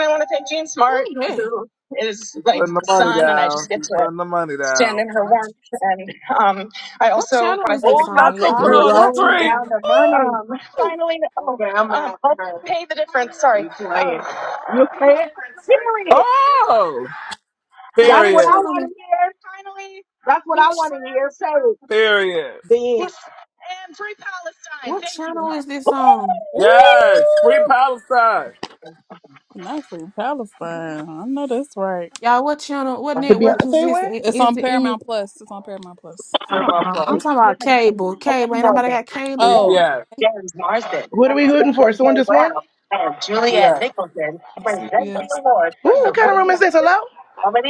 A: I want to thank Jean
F: Oh
A: Smart,
F: yeah.
A: who is
C: She's
A: like
C: putting the
A: the
C: money
A: sun, and I just
C: down.
A: get
C: She's
A: to
C: putting the money
A: stand
C: down.
A: in her.
F: What
A: And um, I
F: what
A: also want
F: channel
A: to
F: is
A: thank the
F: this
C: Oh,
F: on,
A: cast
C: not
F: y'all?
C: gonna
A: and
C: put
F: I
A: crew.
C: it
A: You're
C: on
F: was
A: right.
C: the
F: watching it.
C: screen.
A: Um, finally, oh, Okay, I'm um, out. I'll All right. pay the difference. Sorry. You play Um, playing. You playing. I just want to
C: Oh,
F: Y'all,
A: That's
F: what
A: what
C: period.
A: I
F: channel
A: want
F: is
A: to hear. finally That's what I
F: it's-
A: want to hear. Say
C: Period.
A: it. Then.
F: what what channel is this on?
C: Yes, free
B: Ooh.
C: Palestine.
B: Not free Palestine. I know that's right.
F: Y'all, what channel, what
D: The
F: network is
D: Beyonce
F: this?
D: one?
F: i-
B: It's on
F: Is it in me?
B: Paramount Plus. It's on Paramount Plus.
C: Hear my
F: Uh-uh. I'm
C: plug.
F: talking about cable. Cable. Ain't nobody got cable?
B: Oh,
C: CBS.
A: Carson
D: What are we hooting for? Someone just won?
A: and Julianne
C: CBS.
A: Nichols
B: on
A: present the
B: CBS.
A: award for
D: Ooh, what kind of room
F: Um,
D: is
A: Sokovia
D: this? Hello?
A: Comedy.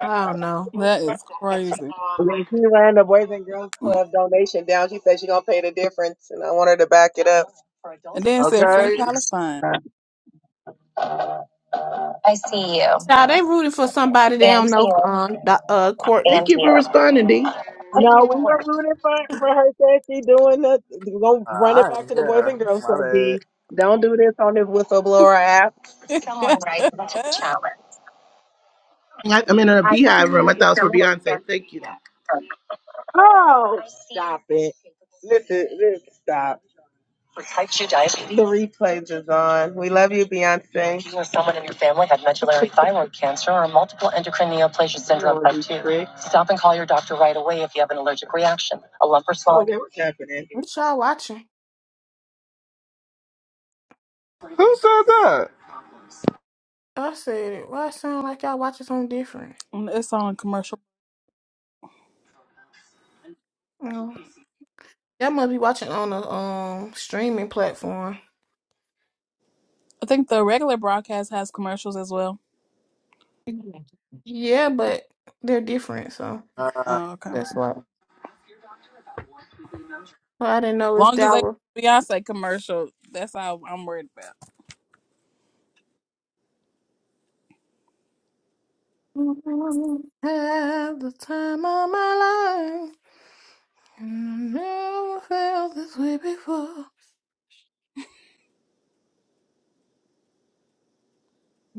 F: I don't know.
B: That is crazy.
A: When she ran the Boys and Girls
B: And
A: Club donation down, she said she gonna pay the difference, and I want her to back it up.
B: then it said Free
C: Okay.
B: Palestine.
F: Y'all, they rooting for somebody they don't know, um, Doc- uh, Courtney.
D: Thank you for responding, D.
A: No, we were rooting for, for her Said she doing the going
C: Uh,
A: run it
C: I
A: back
C: ain't
A: to the boys
C: here.
A: and girls
C: My
A: club
C: bad.
A: B. Don't do this on this whistleblower app.
D: I, I'm in a beehive room. I thought it was for Beyonce. Thank you.
A: Oh stop it. This is this stop. Protect you, diabetes. The replays is on. We love you, Beyonce. You or someone in your family had medullary thyroid cancer or multiple endocrine neoplasia syndrome Lord, you two. prick. Stop and call your doctor right away if you have an allergic reaction, a lump or swelling. Okay, what's happening?
F: What y'all watching?
C: Who said that?
F: I said it. Why it sound like y'all watching something different?
B: Mm, It's on commercial.
F: Mm. Y'all must be watching on a um streaming platform.
B: I think the regular broadcast has commercials as well.
F: Yeah, but they're different, so
B: Oh, okay.
F: that's why. But I didn't know if
B: Long as
F: that
B: they
F: were
B: Beyonce commercial, that's all I'm worried about.
F: had the time of my life. And I never felt this way before.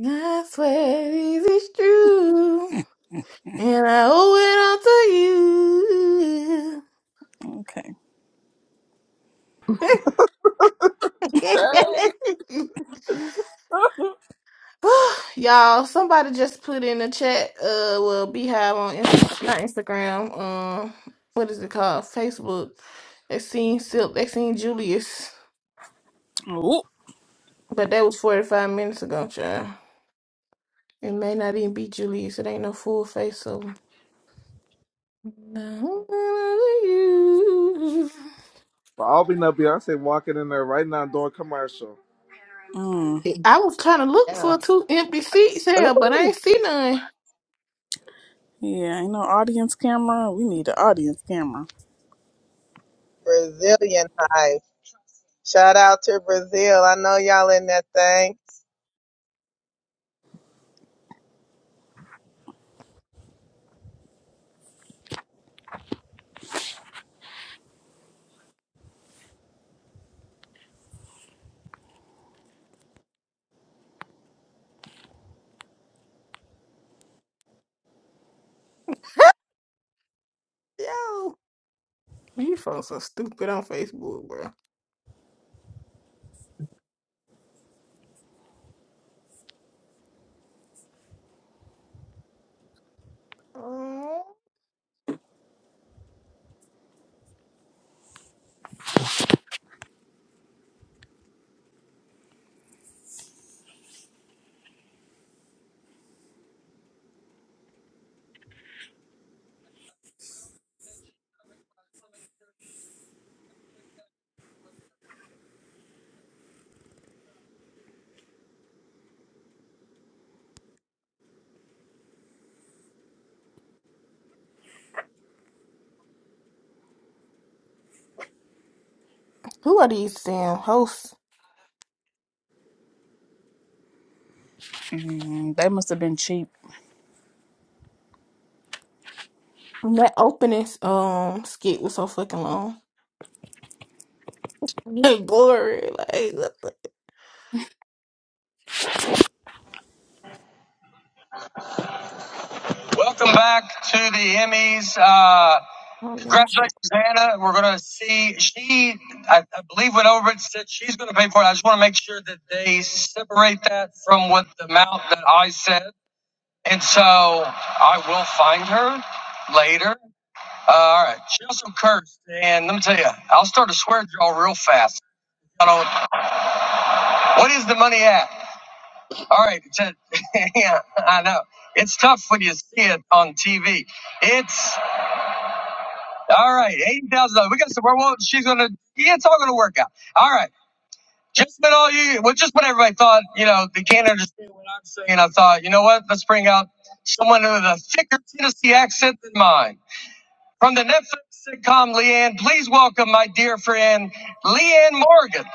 F: I swear it is true. And I owe it
B: Okay.
F: all to you.
C: Okay.
F: Y'all, somebody just put in the chat, uh, well, Beehive on Instagram, not Instagram, um, what is it called? Facebook. They seen Silk, they seen Julius,
B: Ooh.
F: but that was 45 minutes ago, child. It may not even be Julius, it ain't no full face of him.
C: But I'll be no Beyonce walking in there right now doing commercial.
B: Mm.
F: I was trying to look
A: Yeah.
F: for two empty seats here, but I
A: Ooh,
F: ain't see none.
B: Yeah, ain't no audience camera. We need an audience camera.
A: Brazilian hive. Shout out to Brazil. I know y'all in that thing.
F: Yo, you folks are stupid on Facebook, bro. Who are these damn hosts?
B: Mm, they must have been cheap.
F: That opening um skit was so fucking long. Like boring. Like what the
A: Welcome back to the Emmys. Uh,
F: oh y'all
A: congratulations,
F: shit.
A: Hannah. We're going to see. She, I, I believe, went over it. Said she's going to pay for it. I just want to make sure that they separate that from what the amount that I said. And so I will find her later. Uh, all right. She also cursed, and let me tell you, I'll start a swear jar real fast. I don't. What is the money at? All right, Ted. yeah, I know. It's tough when you see it on TV. It's all right. Eighty thousand dollars. We got some. well, she's gonna. Yeah, it's all gonna work out. All right. Just what all you. Well, just what everybody thought. You know, they can't understand what I'm saying. I thought, you know what? Let's bring out someone with a thicker Tennessee accent than mine from the Netflix sitcom Leanne. Please welcome my dear friend Leanne Morgan.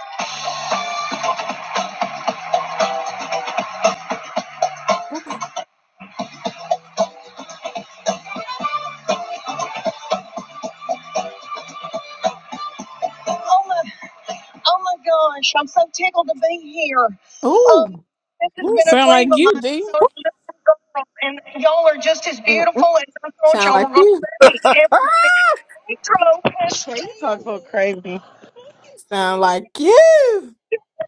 F: I'm like,
A: Oh,
F: Ooh.
B: Ooh, sound like you, D.
A: and y'all.
F: Mm-mm. Sound like you.
A: Y'all talk so crazy.
F: Sound like you.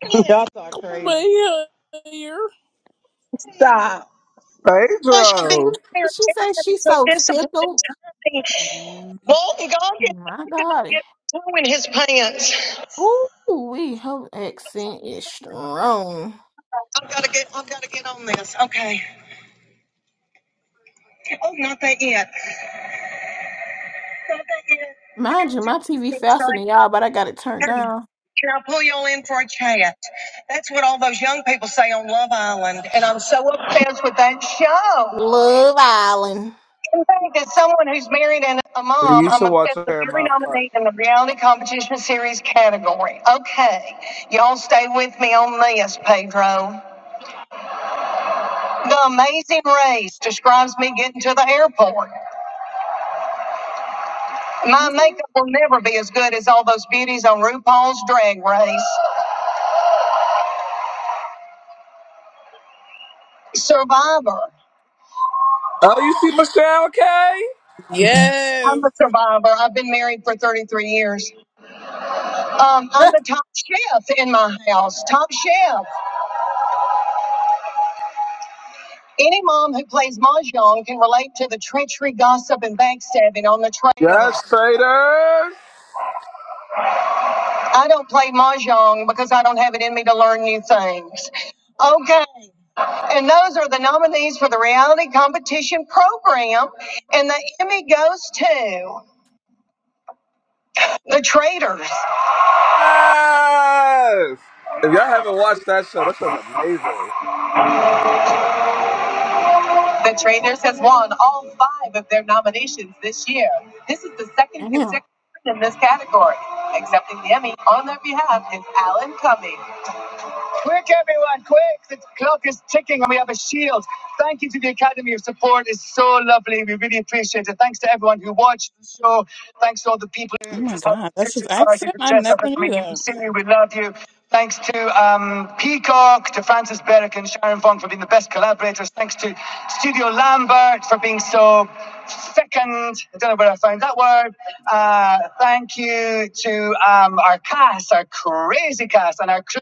A: Y'all talk
B: Come
A: crazy.
B: on here.
A: Gosh, I've been
C: Pedro,
A: back there
F: She
A: and
F: said
A: everybody's
F: she's
A: so
F: so
A: disciplined and
F: tickled.
A: timing.
B: Mm.
A: Walton Goggins, I
F: My
A: could not
F: God.
A: get a toe in his pants.
F: Ooh, we her accent is strong. Mind you, my TV faster than y'all, but I got it turned down. Love Island.
C: you should watch Paramount Park.
A: In the reality competition series category. Okay, y'all stay with me on this, Pedro. The Amazing Race describes me getting to the airport. My
F: Mhm.
A: makeup will never be as good as all those beauties on RuPaul's Drag Race. Survivor.
C: Oh, you see Michelle K?
B: Yes.
A: Survivor. I've been married for 33 years. Um, I'm the top of my house, top chef. Any mom who plays mahjong can relate to the treachery, gossip, and backstabbing on the traders.
C: Yes, traders.
A: I don't play mahjong because I don't have it in me to learn new things. Okay, and those are the nominees for the reality competition program, and the Emmy goes to
C: Yes. If y'all haven't watched that show, that show's amazing.
A: the traders has won all five of their nominations this year. This is the second consecutive
F: Damn.
A: in this category. Accepting the Emmy on their behalf is Alan Cumming. The clock is ticking and we have a shield. Thank you to the Academy. Your support it's so lovely. We really appreciate it. Thanks to everyone who watched the show. Thanks to all the people who
B: Oh my
A: have
B: God, that's his
A: pictures parties
B: accent.
A: and
B: I
A: dressed up as
B: never knew
A: me. We
B: that.
A: see you. We love you. Thanks to um, Peacock, to Francis Berwick and Sharon Fong for being the best collaborators. Thanks to Studio Lambert for being so thickened. I don't know where I found that word. Uh, thank you to um, our cast, our crazy cast, and our crew.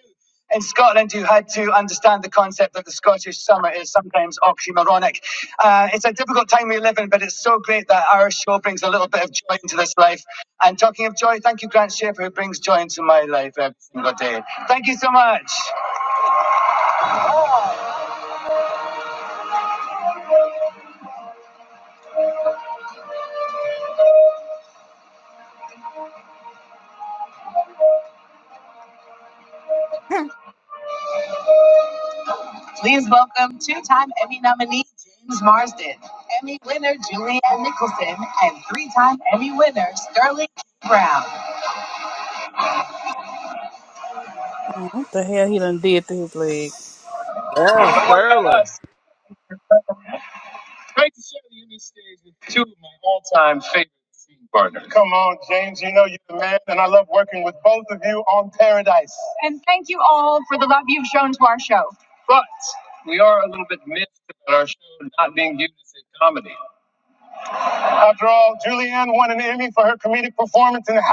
A: Thank you so much. Please welcome two-time Emmy nominee James Marsden, Emmy winner Julianne Nicholson, and three-time Emmy winner Sterling K. Brown.
B: Mm, What the hell he done did to his leg?
C: Damn, Sterling.
A: Come on, but we are our show not being comedy. Hacks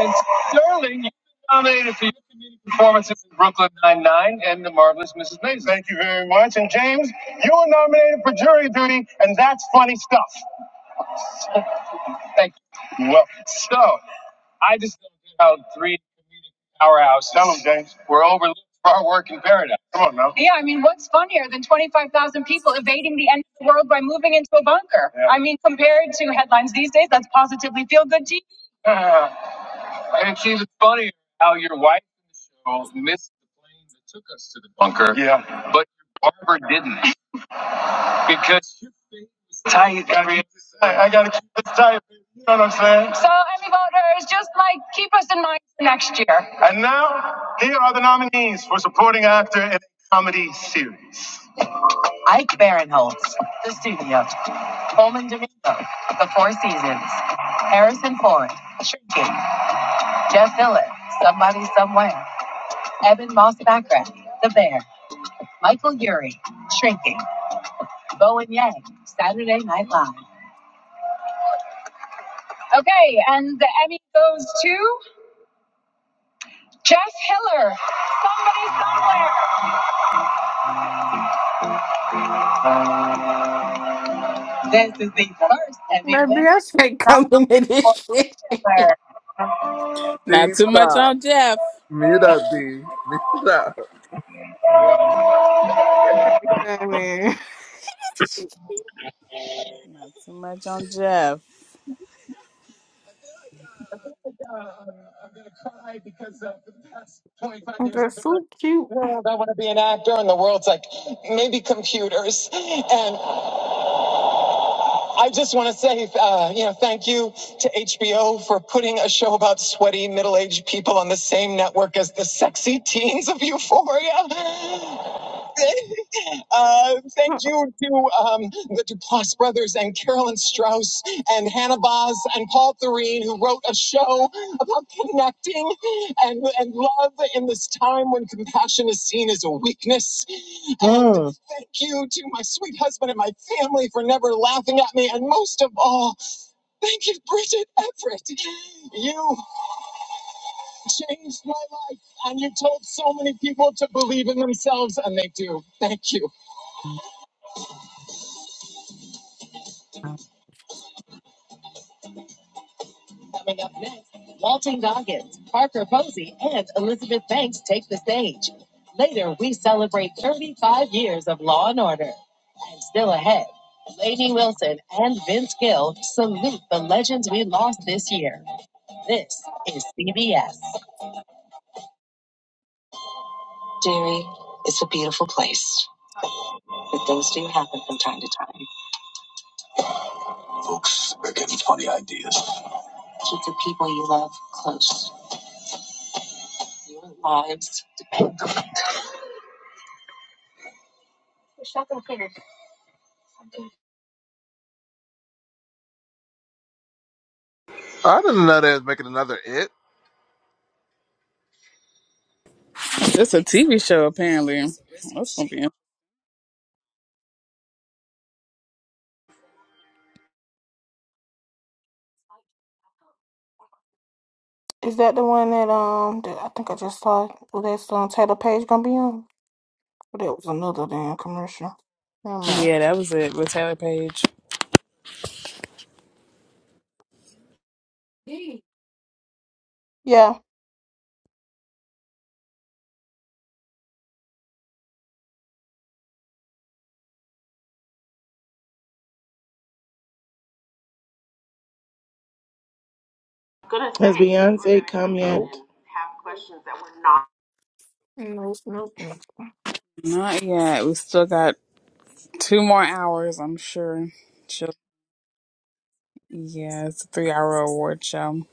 A: and Sterling you nominated for your comedic performances in Brooklyn Nine-Nine and The Marvelous Mrs. Maisel. Thank you very much. And James, you were nominated for jury duty, and that's funny stuff. Thank you. Well, so I just don't know how three. our houses. Tell them, James. We're overlooked for our work in paradise. Come on now. Yeah, I mean, what's funnier than 25,000 people evading the end of the world by moving into a bunker? Yeah. I mean, compared to headlines these days, that's positively feel good TV. Uh, and it's even funnier how your wife will miss Bunker. Yeah. Barbara did. I, I got, and now, here are the nominees for supporting actor in comedies. Ike Barinholtz, The Studio, Coleman Domingo, The Four Seasons, Harrison Ford, Shrinking, Jeff Dillon, Somebody Somewhere, Evan Moss Backrack, The Bear, Michael Yuri, Shrinking, Bowen Yang, Saturday Night Live. Okay, and the Emmy goes to Jeff Hiller, Somebody Somewhere. This is the first Emmy
F: Baby,
A: win.
F: I should come to me
A: nomination
F: this shit.
C: D,
B: Not too much
C: stop.
B: on Jeff.
C: Mute up, D. Mute up.
F: I mean.
B: Not too much on Jeff.
A: for Hiller.
F: They're so cute.
A: world I want to be an actor, and the world's like maybe computers. And I just want to say, uh, you know, thanking family themselves, and they do. Thank you. Coming up next, Walton Goggins, Parker Posey, and Elizabeth Banks take the stage. Later, we celebrate 35 years of law and order. And still ahead, Lady Wilson and Vince Gill salute the legends we lost this year. This is CBS.
C: I didn't know they was making another It.
B: That's a TV show, apparently. That's gonna be.
F: Is that the one that um that I think I just saw? Well, That's um Taylor Page gonna be on? But that was another damn commercial. Never mind.
B: Yeah, that was it with Taylor Page.
F: Hey. Yeah.
D: Has Beyonce come yet?
F: Nope. No, it's no. cupcake?
B: Not yet. We still got two more hours, I'm sure. She'll, yeah, it's a three hour award show.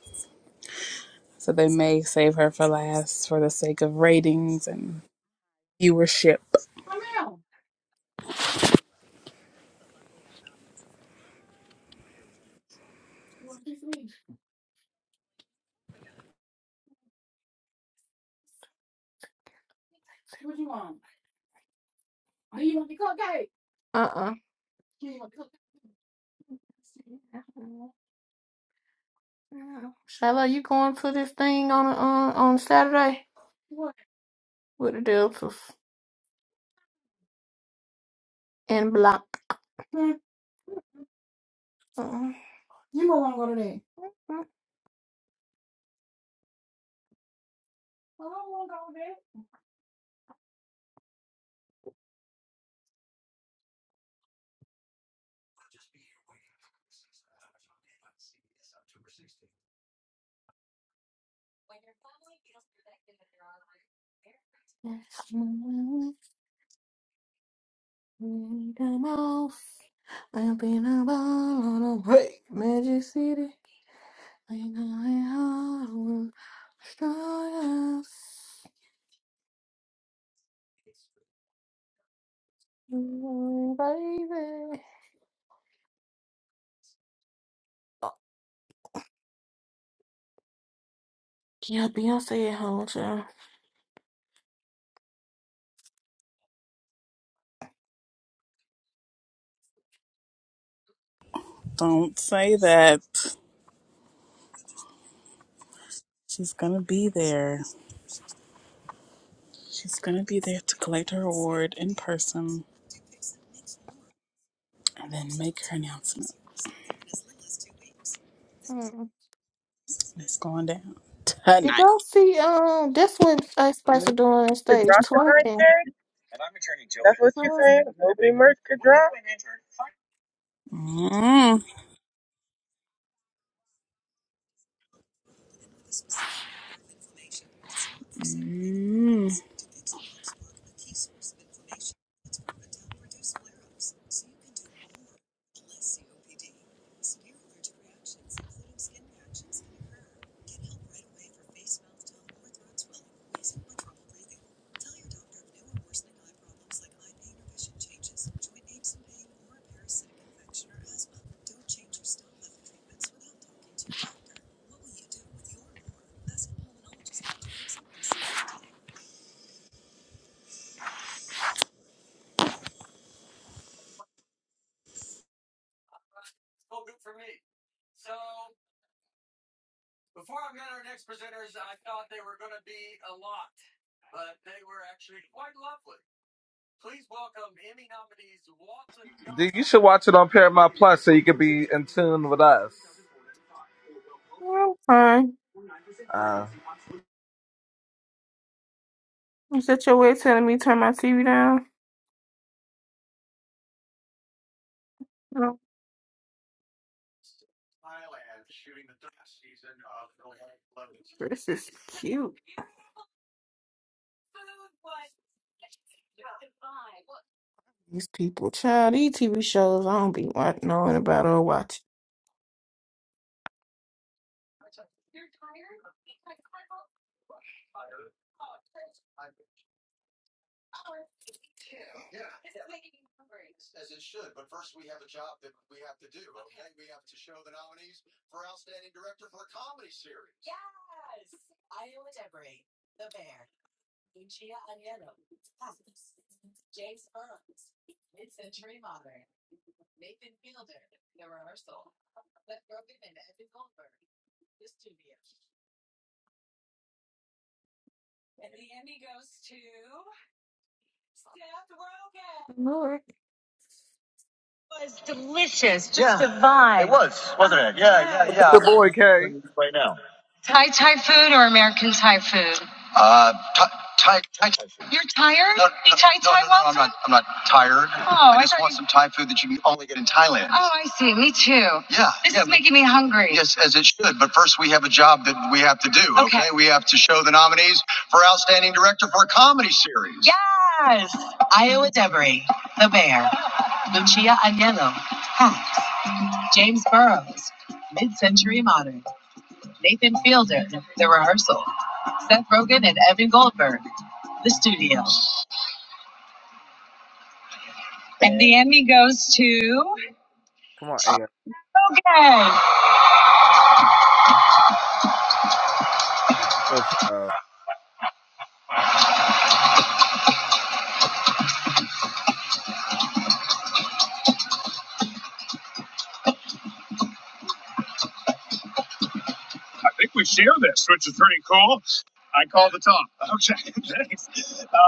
B: So they may save her for last for the sake of ratings and viewership.
F: Uh-uh. Do you want the cupcake? Shala, you going to this thing on on on Saturday? What? With the Deltas and Block. Hmm. Uh-uh. You might want to go to that. I don't want to go there. I'll just be here waiting for this. Let's see, it's October sixteenth. Yes, my Freedom off. I've been a ball on a hey, Magic City. Ain't going home. Strong as you, baby. Oh, yeah, Beyonce at home, child.
B: Don't say that. She's gonna be there. She's gonna be there to collect her award in person and then make her announcement. It's going down
F: Did
B: tonight.
F: y'all see? Um, that's what Ice Spice
A: Movies
F: was doing on
A: could
F: stage,
A: drop tonight,
F: twerking.
A: Jerry? That's what
F: I
A: you're
F: was,
A: saying? Nobody merch could drop?
B: Mm. Mm.
C: D, you should watch it on Paramount Plus so you could be in tune with us.
F: yeah, fine.
C: Uh,
F: Is that your way of telling me turn my TV down? Oh, cute. These people, child, these TV shows, I don't be wa- knowing about or watching. Lord.
C: it's your boy, K.
A: Uh, Thai, Thai, Thai, no, no, no, no, no, no, I'm not, I'm not tired. Oh, I, I just want some Thai food that you can only get in Thailand. yeah, yeah. Yes, as it should. But first, we have a job that we have to do. Okay. okay? We have to show the nominees for Outstanding Director for a Comedy Series. Yes! Iowa Devery, The Bear, Lucia Agnello, James Burrows, Mid Century Modern, Nathan Fielder, The Rehearsal, Seth Rogen and Evan Goldberg, The Studio. And the Emmy goes to.
C: Come on, AF. Good
A: I think we share this, which is pretty cool. I call the top. Okay, thanks. Uh,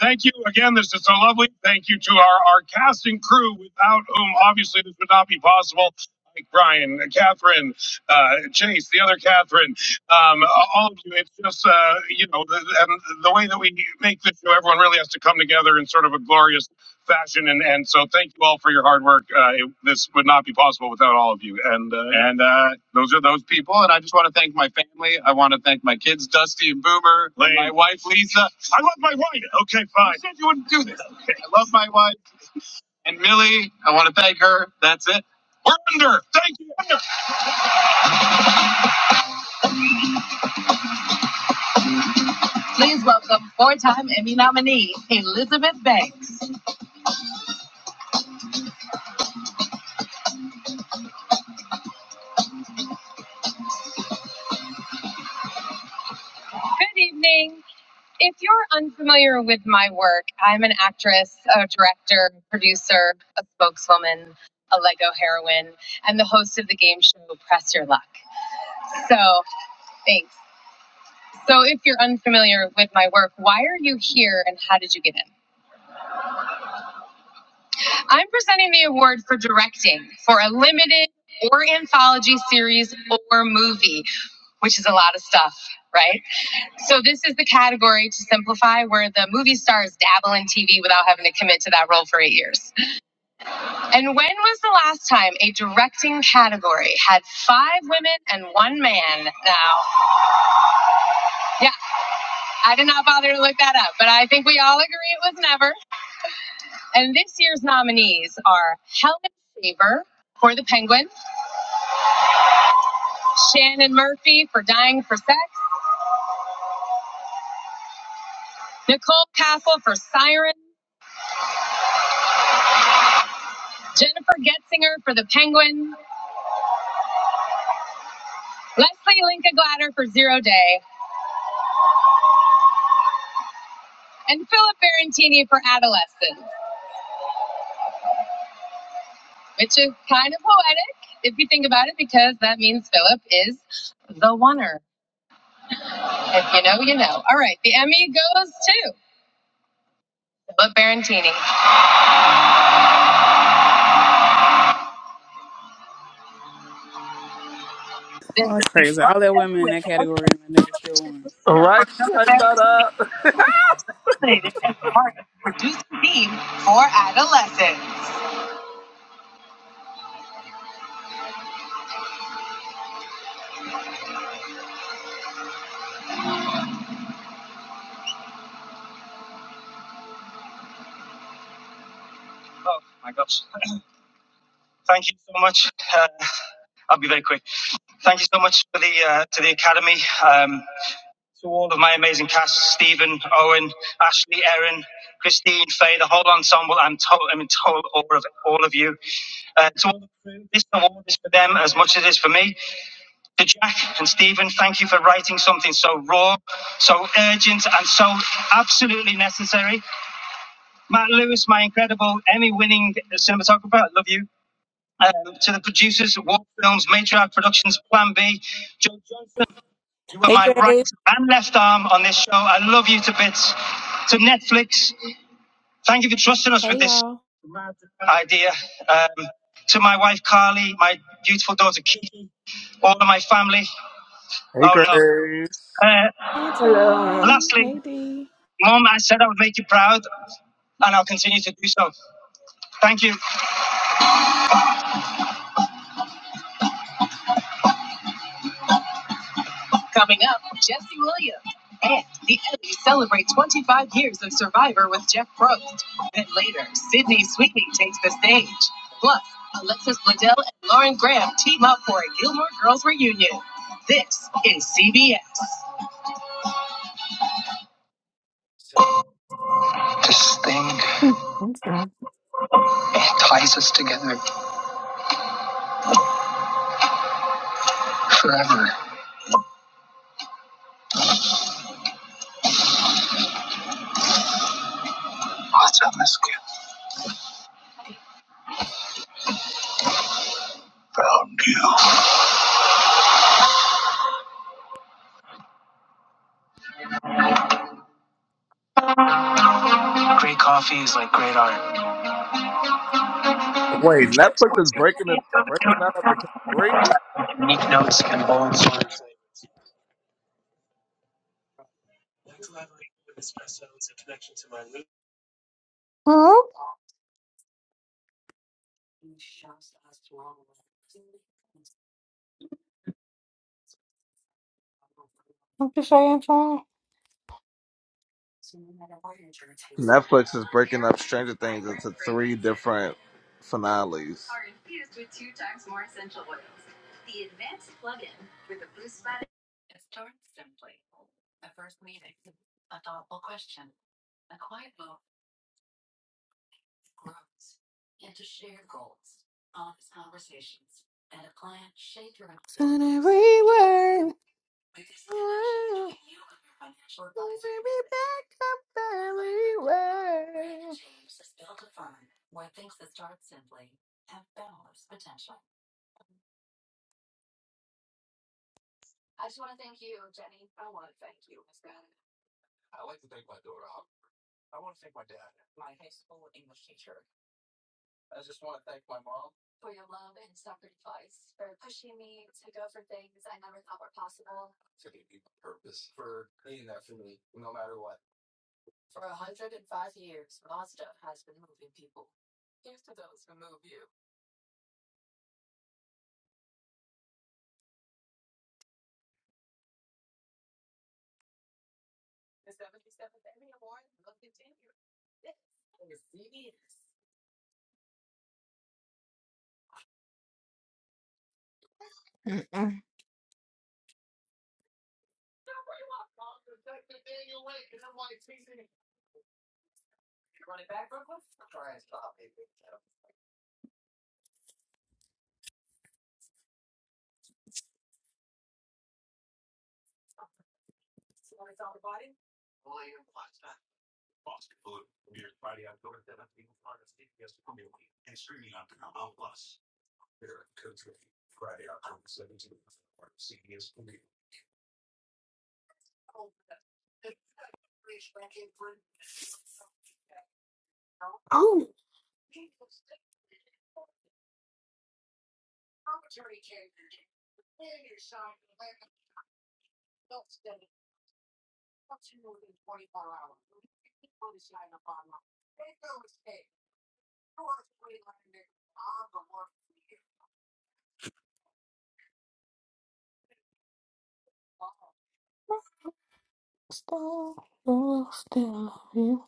A: Thank you again. This is so lovely. Thank you to our, our cast and crew, without whom obviously this would not be possible. Like Brian, Catherine, uh, Chase, the other Catherine, um, all of you. It's just uh, you know, the, and the way that we make this show, everyone really has to come together in sort of a glorious fashion. And, and so, thank you all for your hard work. Uh, it, this would not be possible without all of you. And uh, and uh, those are those people. And I just want to thank my family. I want to thank my kids, Dusty and Boomer, and my Lane. wife Lisa. I love my wife. which is a lot of stuff, right? So this is the category to simplify where the movie stars dabble in TV without having to commit to that role for eight years. And when was the last time a directing category had five women and one man? Now, yeah, I did not bother to look that up, but I think we all agree it was never. And this year's nominees are Helen Shaver for The Penguin,
B: Oh, that's crazy. All that women in that category and that nigga still won.
C: All right, I thought up.
A: Oh my gosh. Thank you so much. Uh, I'll be very quick. Thank you so much for the uh, to the Academy. Um, to all of my amazing cast Stephen, Owen, Ashley, Erin, Christine, Faye, the whole ensemble. I'm, to- I'm in total awe of all of you. Uh, to all the crew, this award is for them as much as it is for me. To Jack and Stephen, thank you for writing something so raw, so urgent, and so absolutely necessary. Matt Lewis, my incredible Emmy winning cinematographer, I love you. Um, to the producers, War Films, Matriarch Productions, Plan B, Joe, you were
B: Hey,
A: my right
B: Grace.
A: and left arm on this show. I love you to bits. Netflix. Thank you for trusting us with
G: Hey
A: this
G: y'all.
A: idea. Uh, to my Carly, my beautiful daughter Keith, all of my family.
C: Hey,
A: Oh no.
C: Grace.
F: Hello.
G: Antoine.
A: Lastly,
G: Hey D.
A: Mom, I said I would make you proud, and I'll continue to do so. Thank you. This thing
F: Okay.
A: it ties us together forever. What's on this kid? Brown deal. Great coffee is like great art.
C: Wait, Netflix is breaking it, breaking that up into three.
A: unique notes and bold bowls.
F: Huh? I'm just saying, child.
C: Netflix is breaking up Stranger Things into three different finales.
F: Let me back up the alleyway. Mm-mm. Still, still, still love you.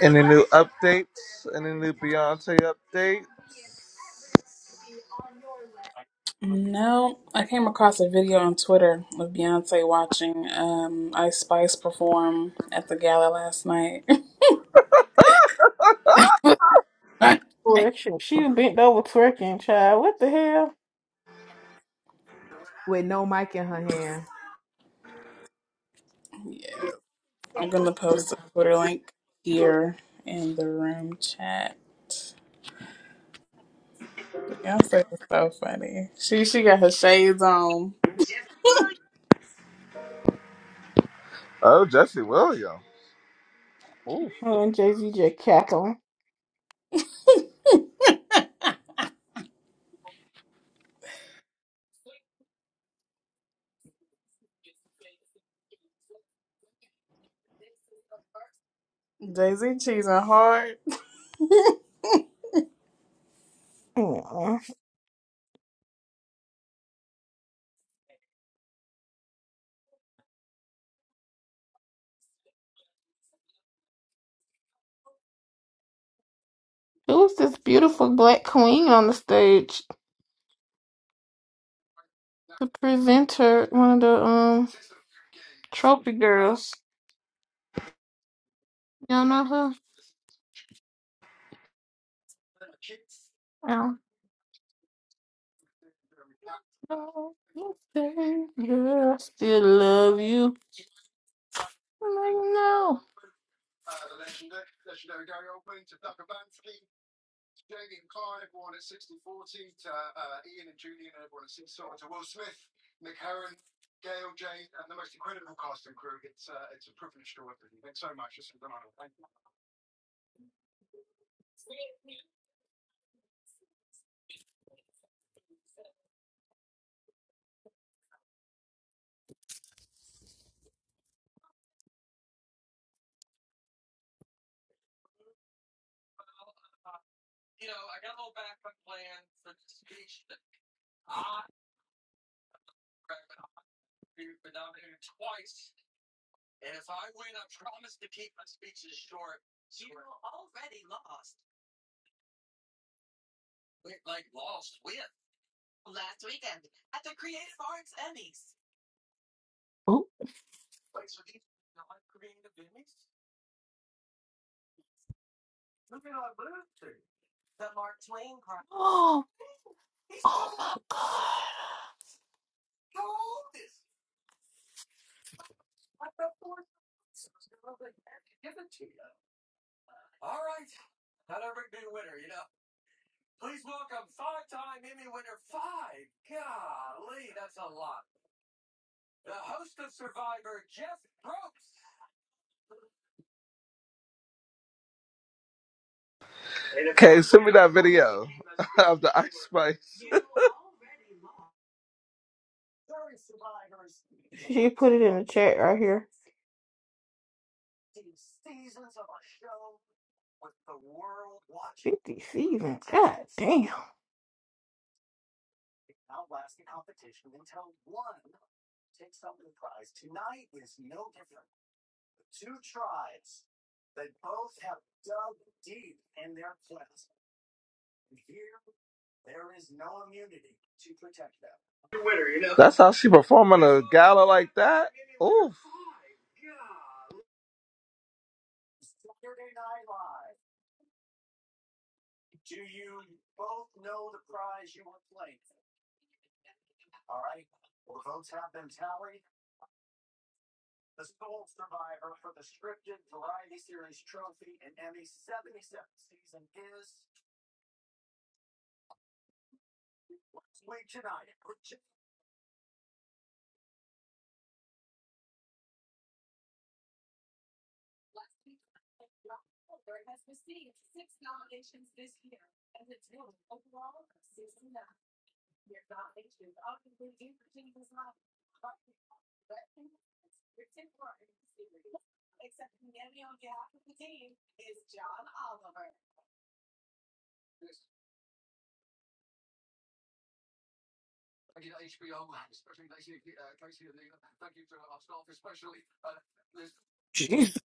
C: Any new updates? Any new Beyonce update?
B: No, I came across a video on Twitter of Beyonce watching um, Ice Spice perform at the gala last night. yeah,
F: Twerking. She bent over twerking, child. What the hell?
G: with no mic in her hand.
B: I'm gonna post a Twitter link here in the room chat. Beyonce is so funny. She she got her shades on.
C: Oh, Jesse Williams. Ooh.
F: Oh, and Jay Z just cackling.
B: Jay Z cheesing hard,
F: Mm. Who is this beautiful black queen on the stage? The presenter, one of the um trophy girls. Y'all know her? I don't know. You say, Girl, I still love you. I'm like, no. Oh, oh, oh my god.
C: Okay, send me that video of the Ice Spice.
F: She put it in the chat right here. 50 season. Damn.
C: That's how she performing a gala like that. Ooh,
F: Jesus.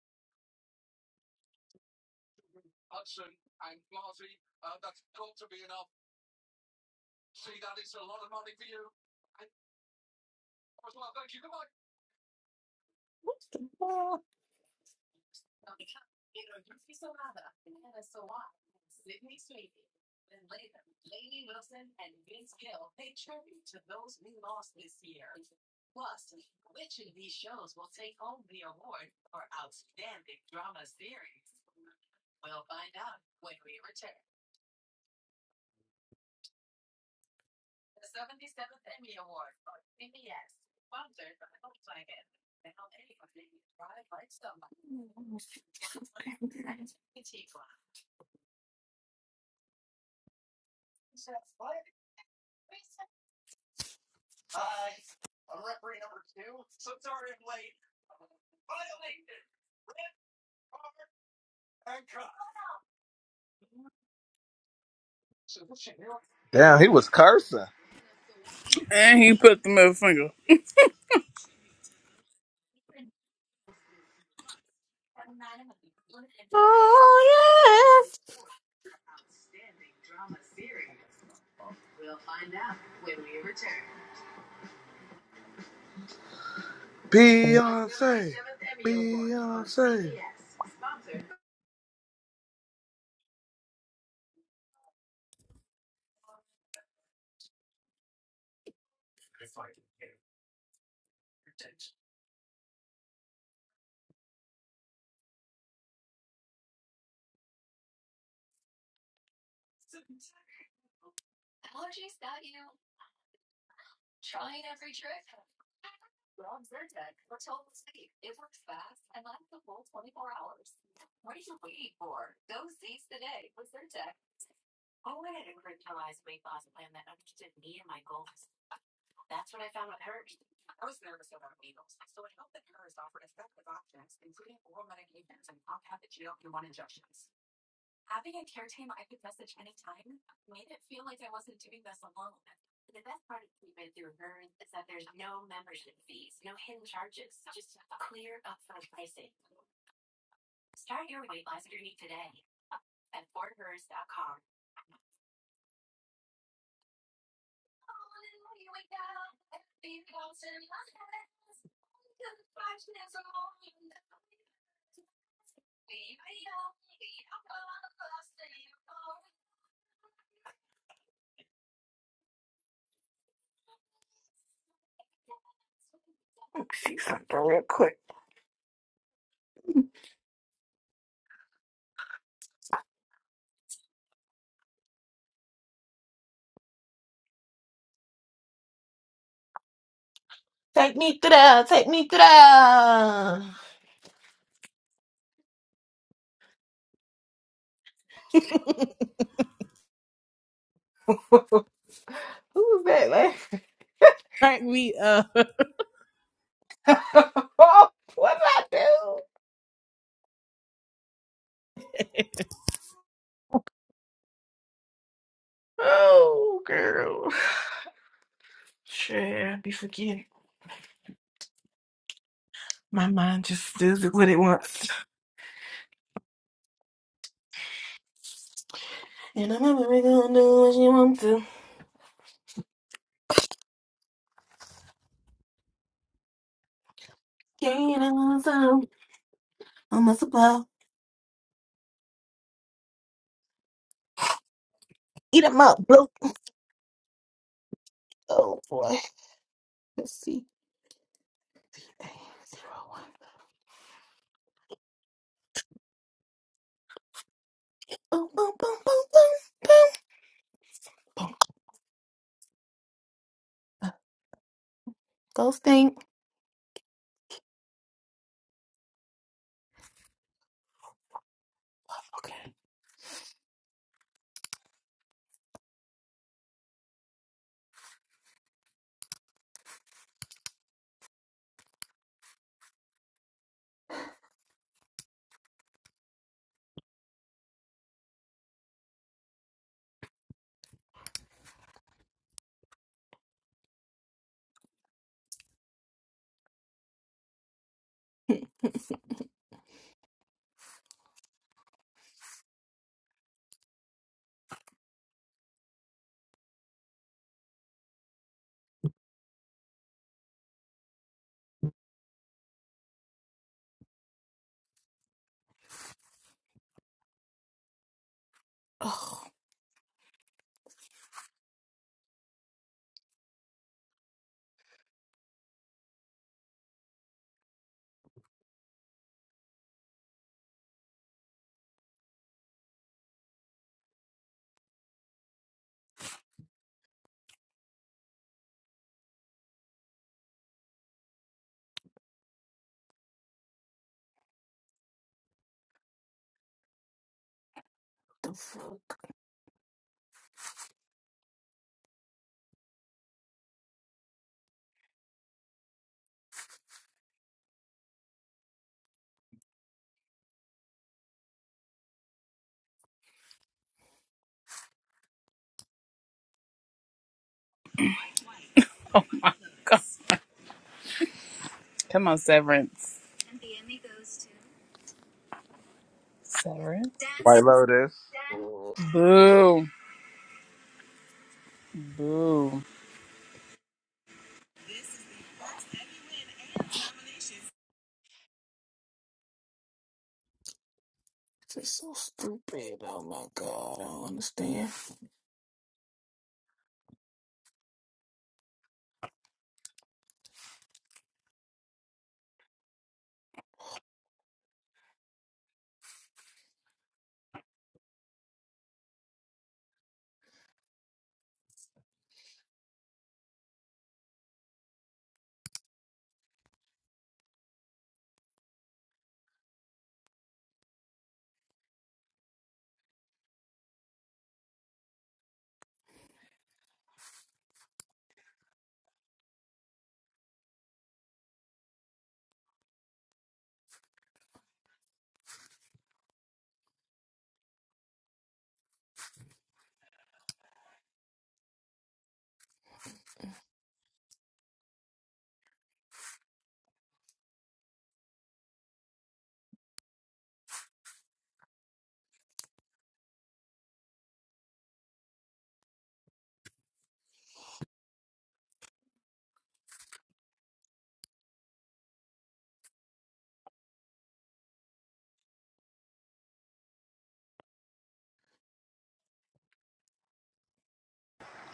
C: damn, he was cursing.
B: and he put the middle finger.
F: Oh yes.
C: Beyonce. Beyonce.
F: Take me through. Take me through. Who was that? Like?
G: Crack me up.
F: what did I do? Oh, girl. Sure, I be forgetting. My mind just does it what it wants. And I'm never gonna do what she wants to. Gain on some. I'm a supply. Eat 'em up, bro. Oh, boy. Let's see. Eight, zero, one. Boom, boom, boom, boom, boom, boom. Boom. Go stink. Okay. Oh.
B: Come on, Severance. Severance.
C: White Lotus.
F: oh,
B: Boo. Ooh.
F: This is so stupid. Oh my god, I don't understand.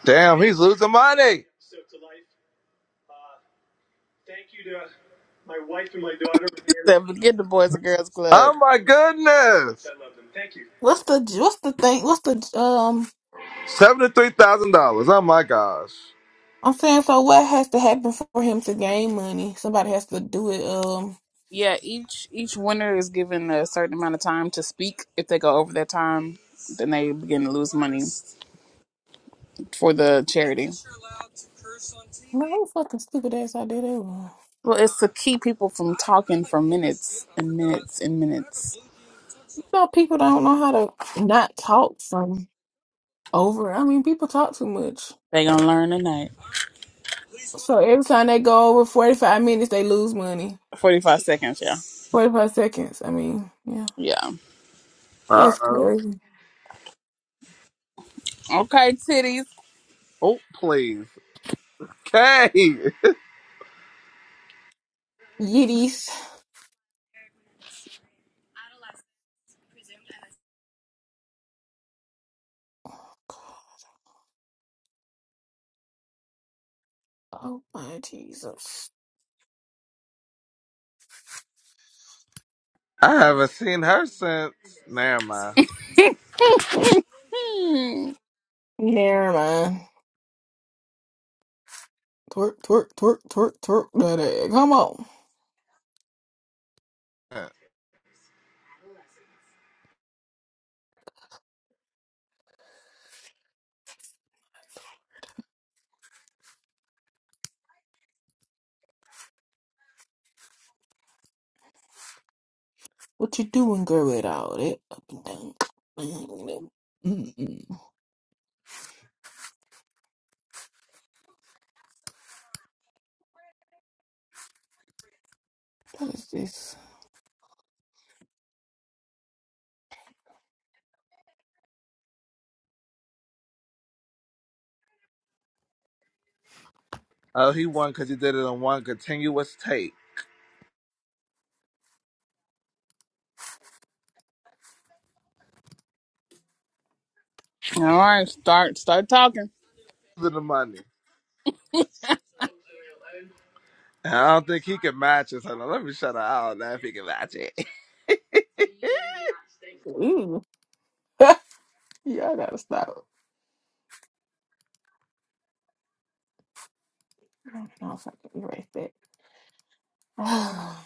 C: Damn, he's losing money.
B: Except forget the Boys and Girls Club.
C: Oh my goodness.
F: What's the what's the thing? What's the um?
C: $73,000. Oh my gosh.
F: I'm saying, so what has to happen for him to gain money? Somebody has to do it. Um,
B: Yeah, each each winner is given a certain amount of time to speak. If they go over that time, then they begin to lose money for the charity.
F: my whole fucking stupid ass idea that was.
B: Well, it's to keep people from talking for minutes and minutes and minutes.
F: You know, people don't know how to not talk from over. I mean, people talk too much.
B: They gonna learn tonight.
F: So every time they go over 45 minutes, they lose money.
B: Forty five seconds, yeah.
F: 45 seconds. I mean, yeah,
B: Yeah.
C: Uh
F: that's
C: oh.
F: crazy.
B: Okay, titties.
C: Oh, please. Kay.
F: Yiddies. Oh my Jesus.
C: I haven't seen her since. Never mind.
B: Hmm.
F: Never mind. Twerk, twerk, twerk, twerk, twerk. that egg. Come on. What you doing, girl, without it? Up and down. Mm-mm. What is this?
C: Oh, he won because he did it on one continuous tape.
B: All right, start start talking.
C: Losing the money. And I don't think he can match it. So let me shut her out now if he can match it. They
F: Ooh, yeah, I gotta stop. I don't know if I can erase that. Ah,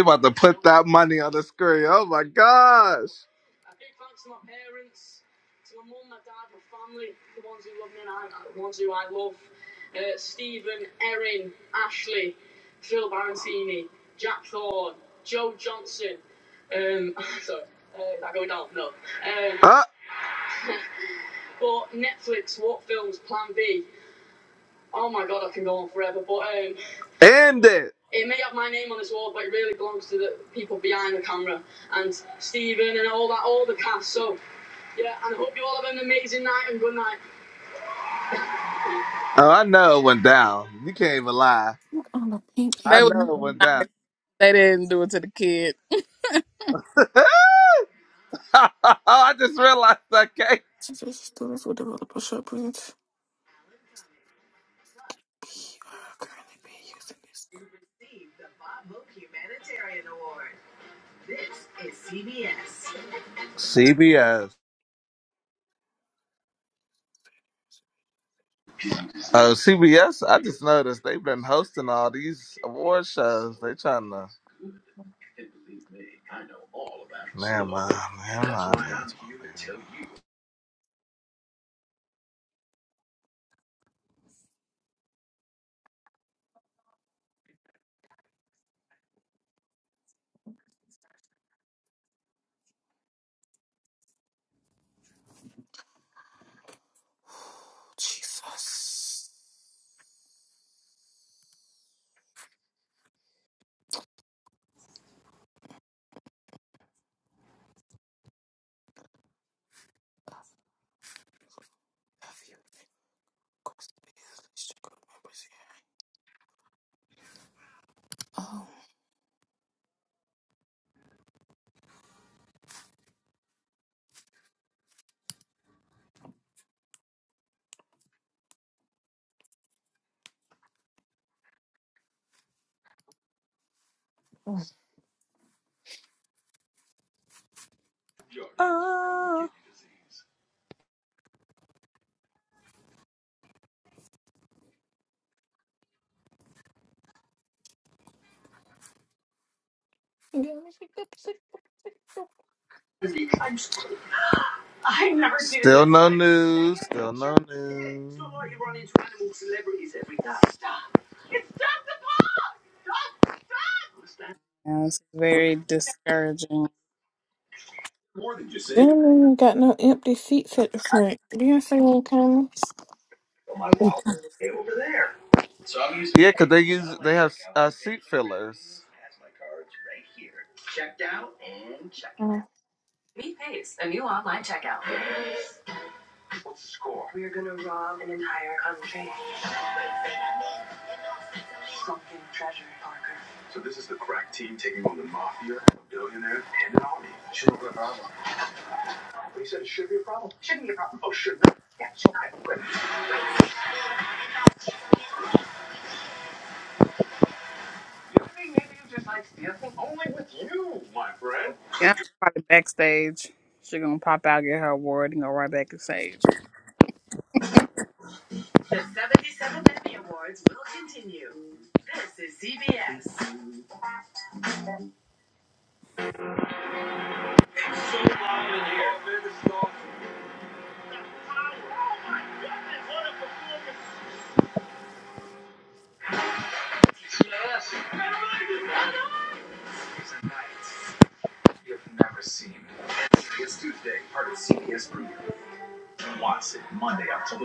C: about to put that money on the screen. Oh my gosh. Ah. Oh my god, I can go on forever, but um, End it. it may have my name on this wall, but it really belongs to the people behind the camera and Stephen and all that, all the cast. So yeah, and I hope you all have an amazing night and good night. Oh, I know it went down. You can't even lie.
F: fuck, On the pink
C: I
B: They was-
F: and
C: know it went
B: nice.
C: down.
B: they didn't do it to the kid.
C: I just realized I can't.
F: Just students with developer shortprints. You are currently being used in this.
C: CBS. Oh, CBS. I just noticed they've been hosting all these award shows. They trying to. Never mind. Never mind.
F: Oh, Jesus. Have you requested district group members here? Oh.
C: Still no news. Still no news.
B: Yeah, it's very discouraging.
F: Then we got no empty seats at the front. Do you see what I'm coming? This
C: Yeah, 'cause they use they have uh, seat fillers.
B: Yeah, probably backstage. She gonna pop out, get her award, and go right back to stage.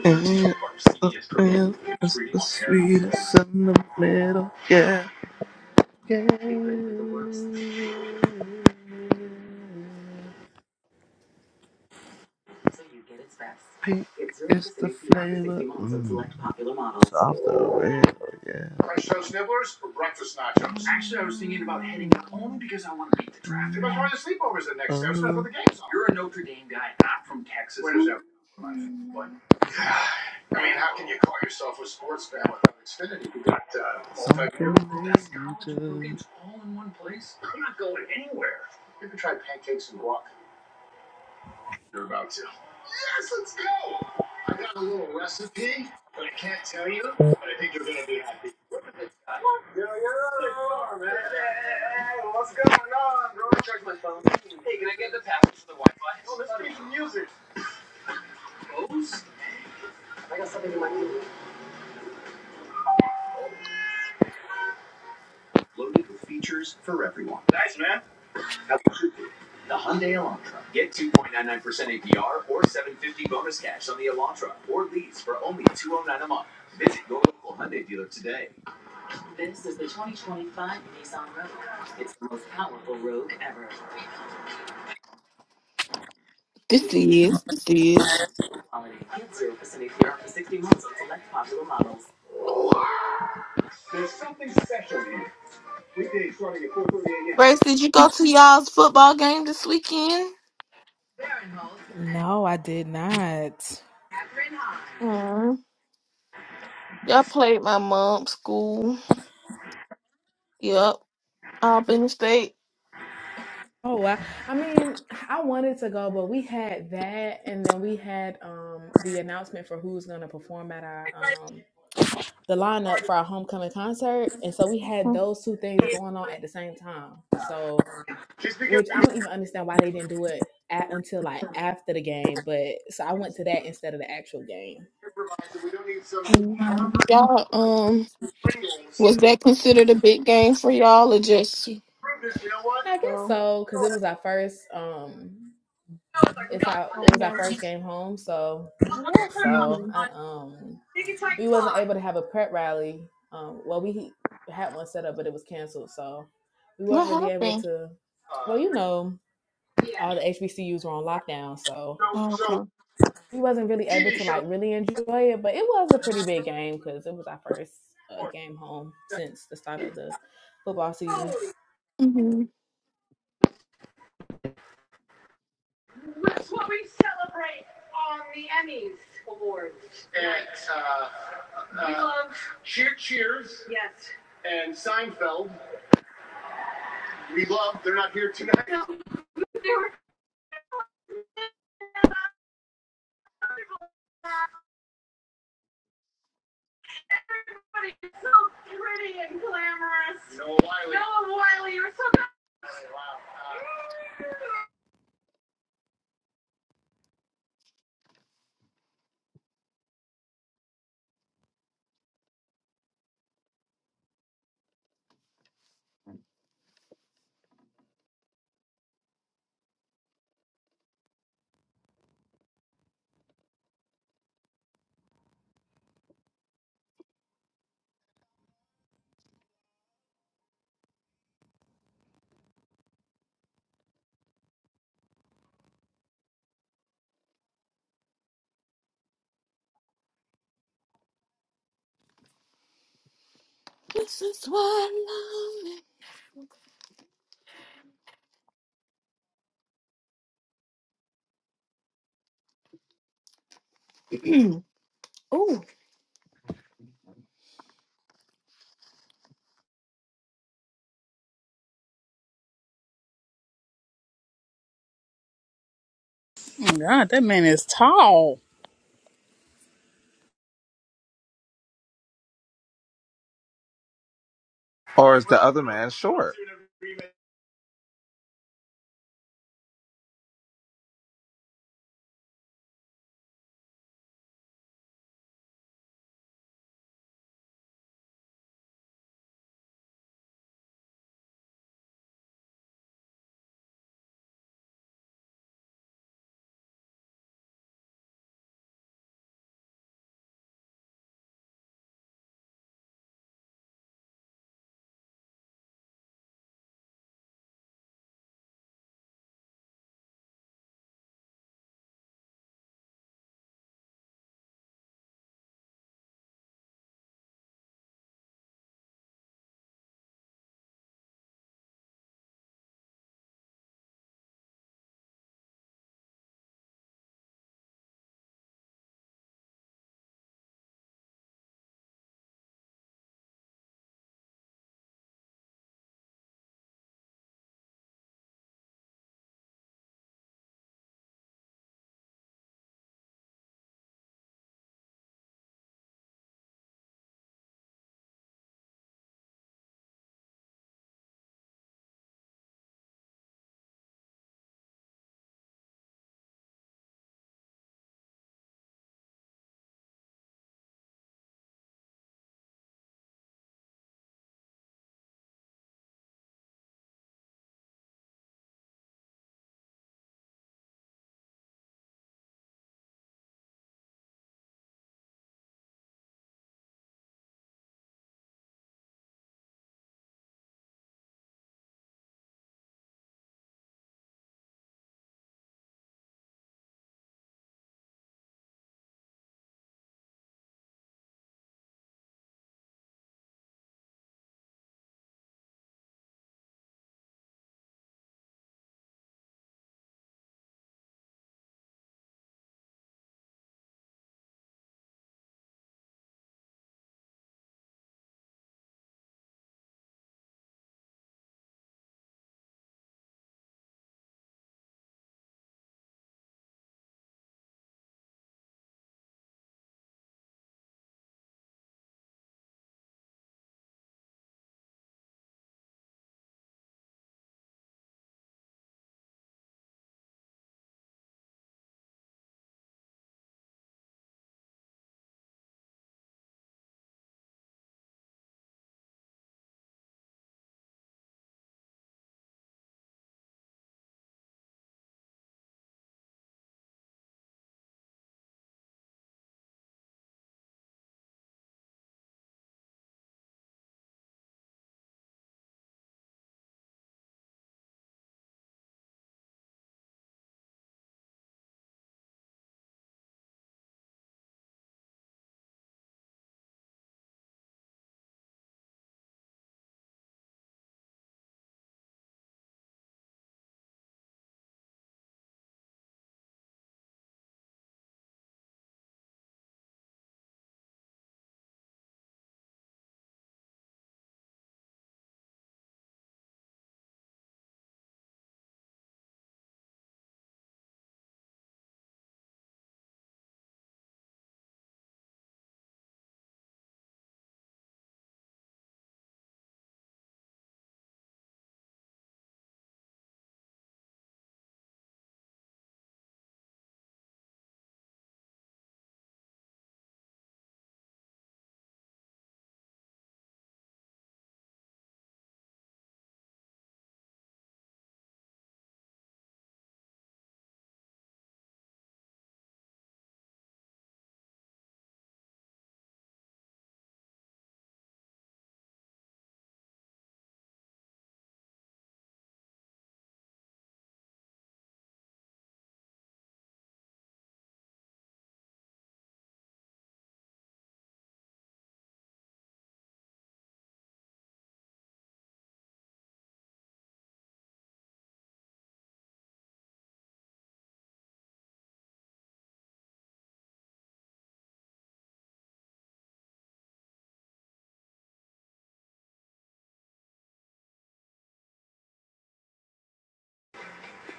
C: And it's the the sweetest in the middle. Yeah, yeah. Pink is the flavor. Mm. Off the rail. Yeah. Fresh toast nibblers or breakfast nachos? Actually, I was thinking about heading up only because I want to beat the traffic. You guys are the sleepovers the next day, so I thought the game's on. Where does that come from? Yeah. I mean, how can you call yourself a sports fan without Xfinity? We got uh, multi-year. Something You can try pancakes and guac. You're about to. Guys, let's go. I got a little recipe, but I can't tell you. But I think you're gonna be happy. Yo, yo, car, man. Oh, let's play some music. Loaded with features for everyone. Nice, man. The Hyundai Elantra. Get 2.99% APR or 750 bonus cash on the Elantra or lease for only 209 a month. Visit your local Hyundai dealer today.
F: is. This is.
C: There's something special here. Weekdays starting at 4:30 a.m.
F: Grace, did you go to y'all's football game this weekend?
G: No, I did not.
F: Mm. Y'all played my mom's school. Yep. Albany State.
G: Oh wow! I mean, I wanted to go, but we had that, and then we had um the announcement for who's gonna perform at our um the lineup for our homecoming concert, and so we had those two things going on at the same time. So
C: Just because
G: which
C: we
G: I
C: don't
G: don't even understand why they didn't do it at, until like after the game. But so I went to that instead of the actual game.
F: Mhm. Y'all, um, was that considered a big game for y'all or just?
C: approve this, you know what?
G: I guess
F: No.
G: so, cause it was our first. Um, it's our it was our
F: Okay.
G: first game home, so I guess so.
F: hmm
G: I um, we wasn't able to have a prep rally. Um, well, we had one set up, but it was canceled, so we weren't
F: What
G: really able
F: happened?
G: to. Well, you know, all the HBCUs were on lockdown, so
C: So,
F: Oh,
C: so
F: okay.
G: we wasn't really able
C: we
G: to
C: show
G: like really enjoy it. But it was a pretty big game because it was our first uh, game home since the start of the football season.
F: hmm
C: we love. They're not here tonight.
F: This is why I love it.
B: Oh, God, that man is tall.
C: Or is the other man short?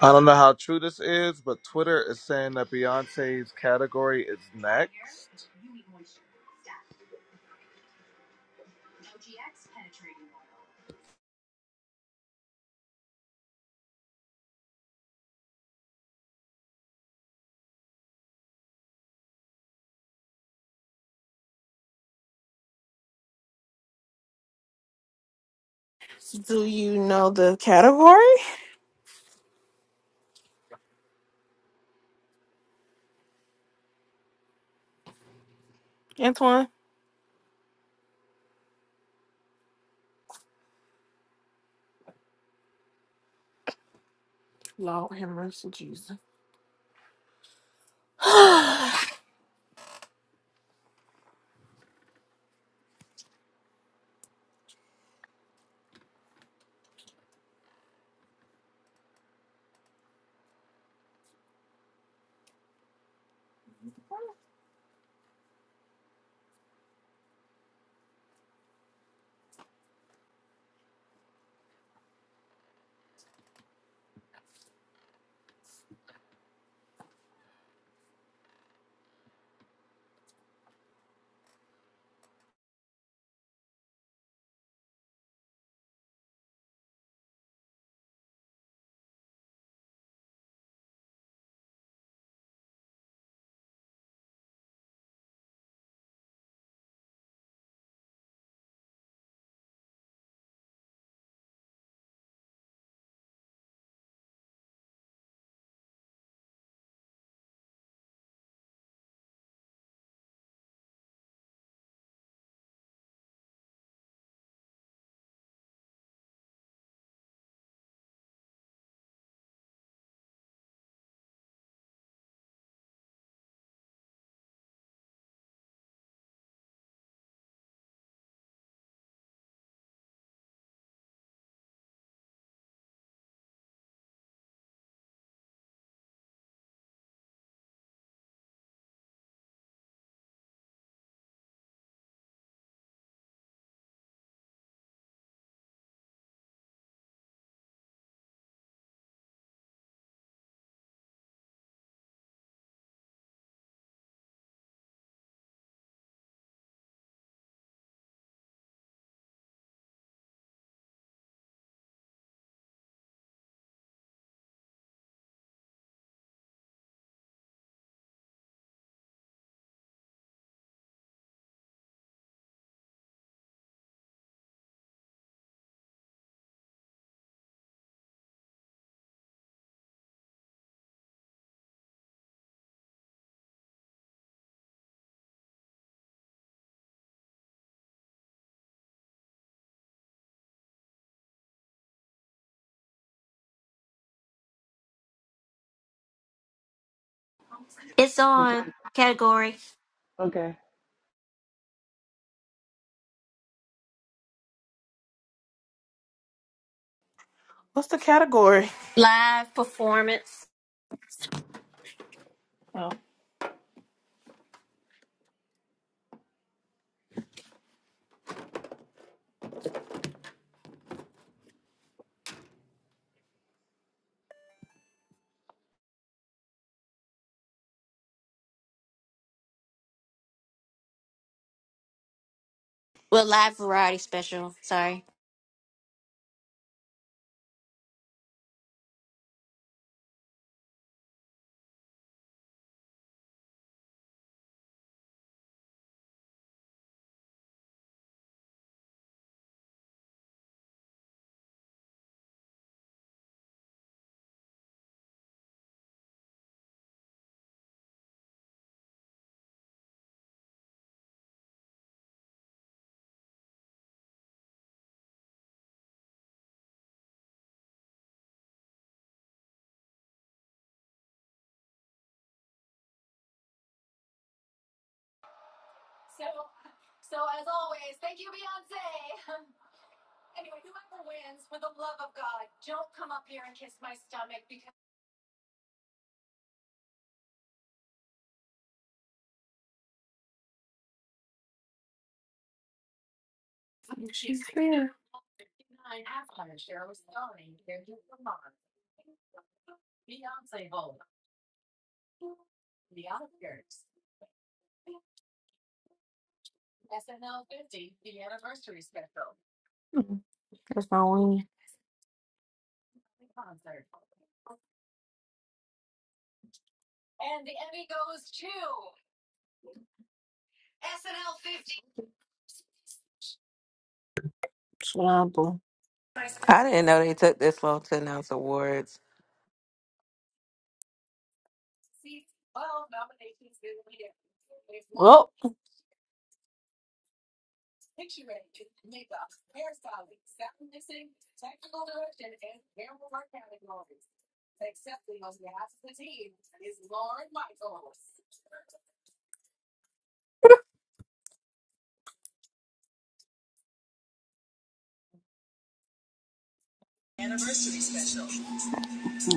C: I don't know how true this is, but Twitter is saying that Beyonce's category is
F: Do you know the category, Antoine? Lord have mercy, Jesus. What's
H: It's
D: We got-
H: on category
D: Okay.
F: story?
H: live performance. Well, live variety special. Sorry.
F: She's here. Mm, That's my only example.
I: I didn't know they took this long to announce awards.
F: Oh,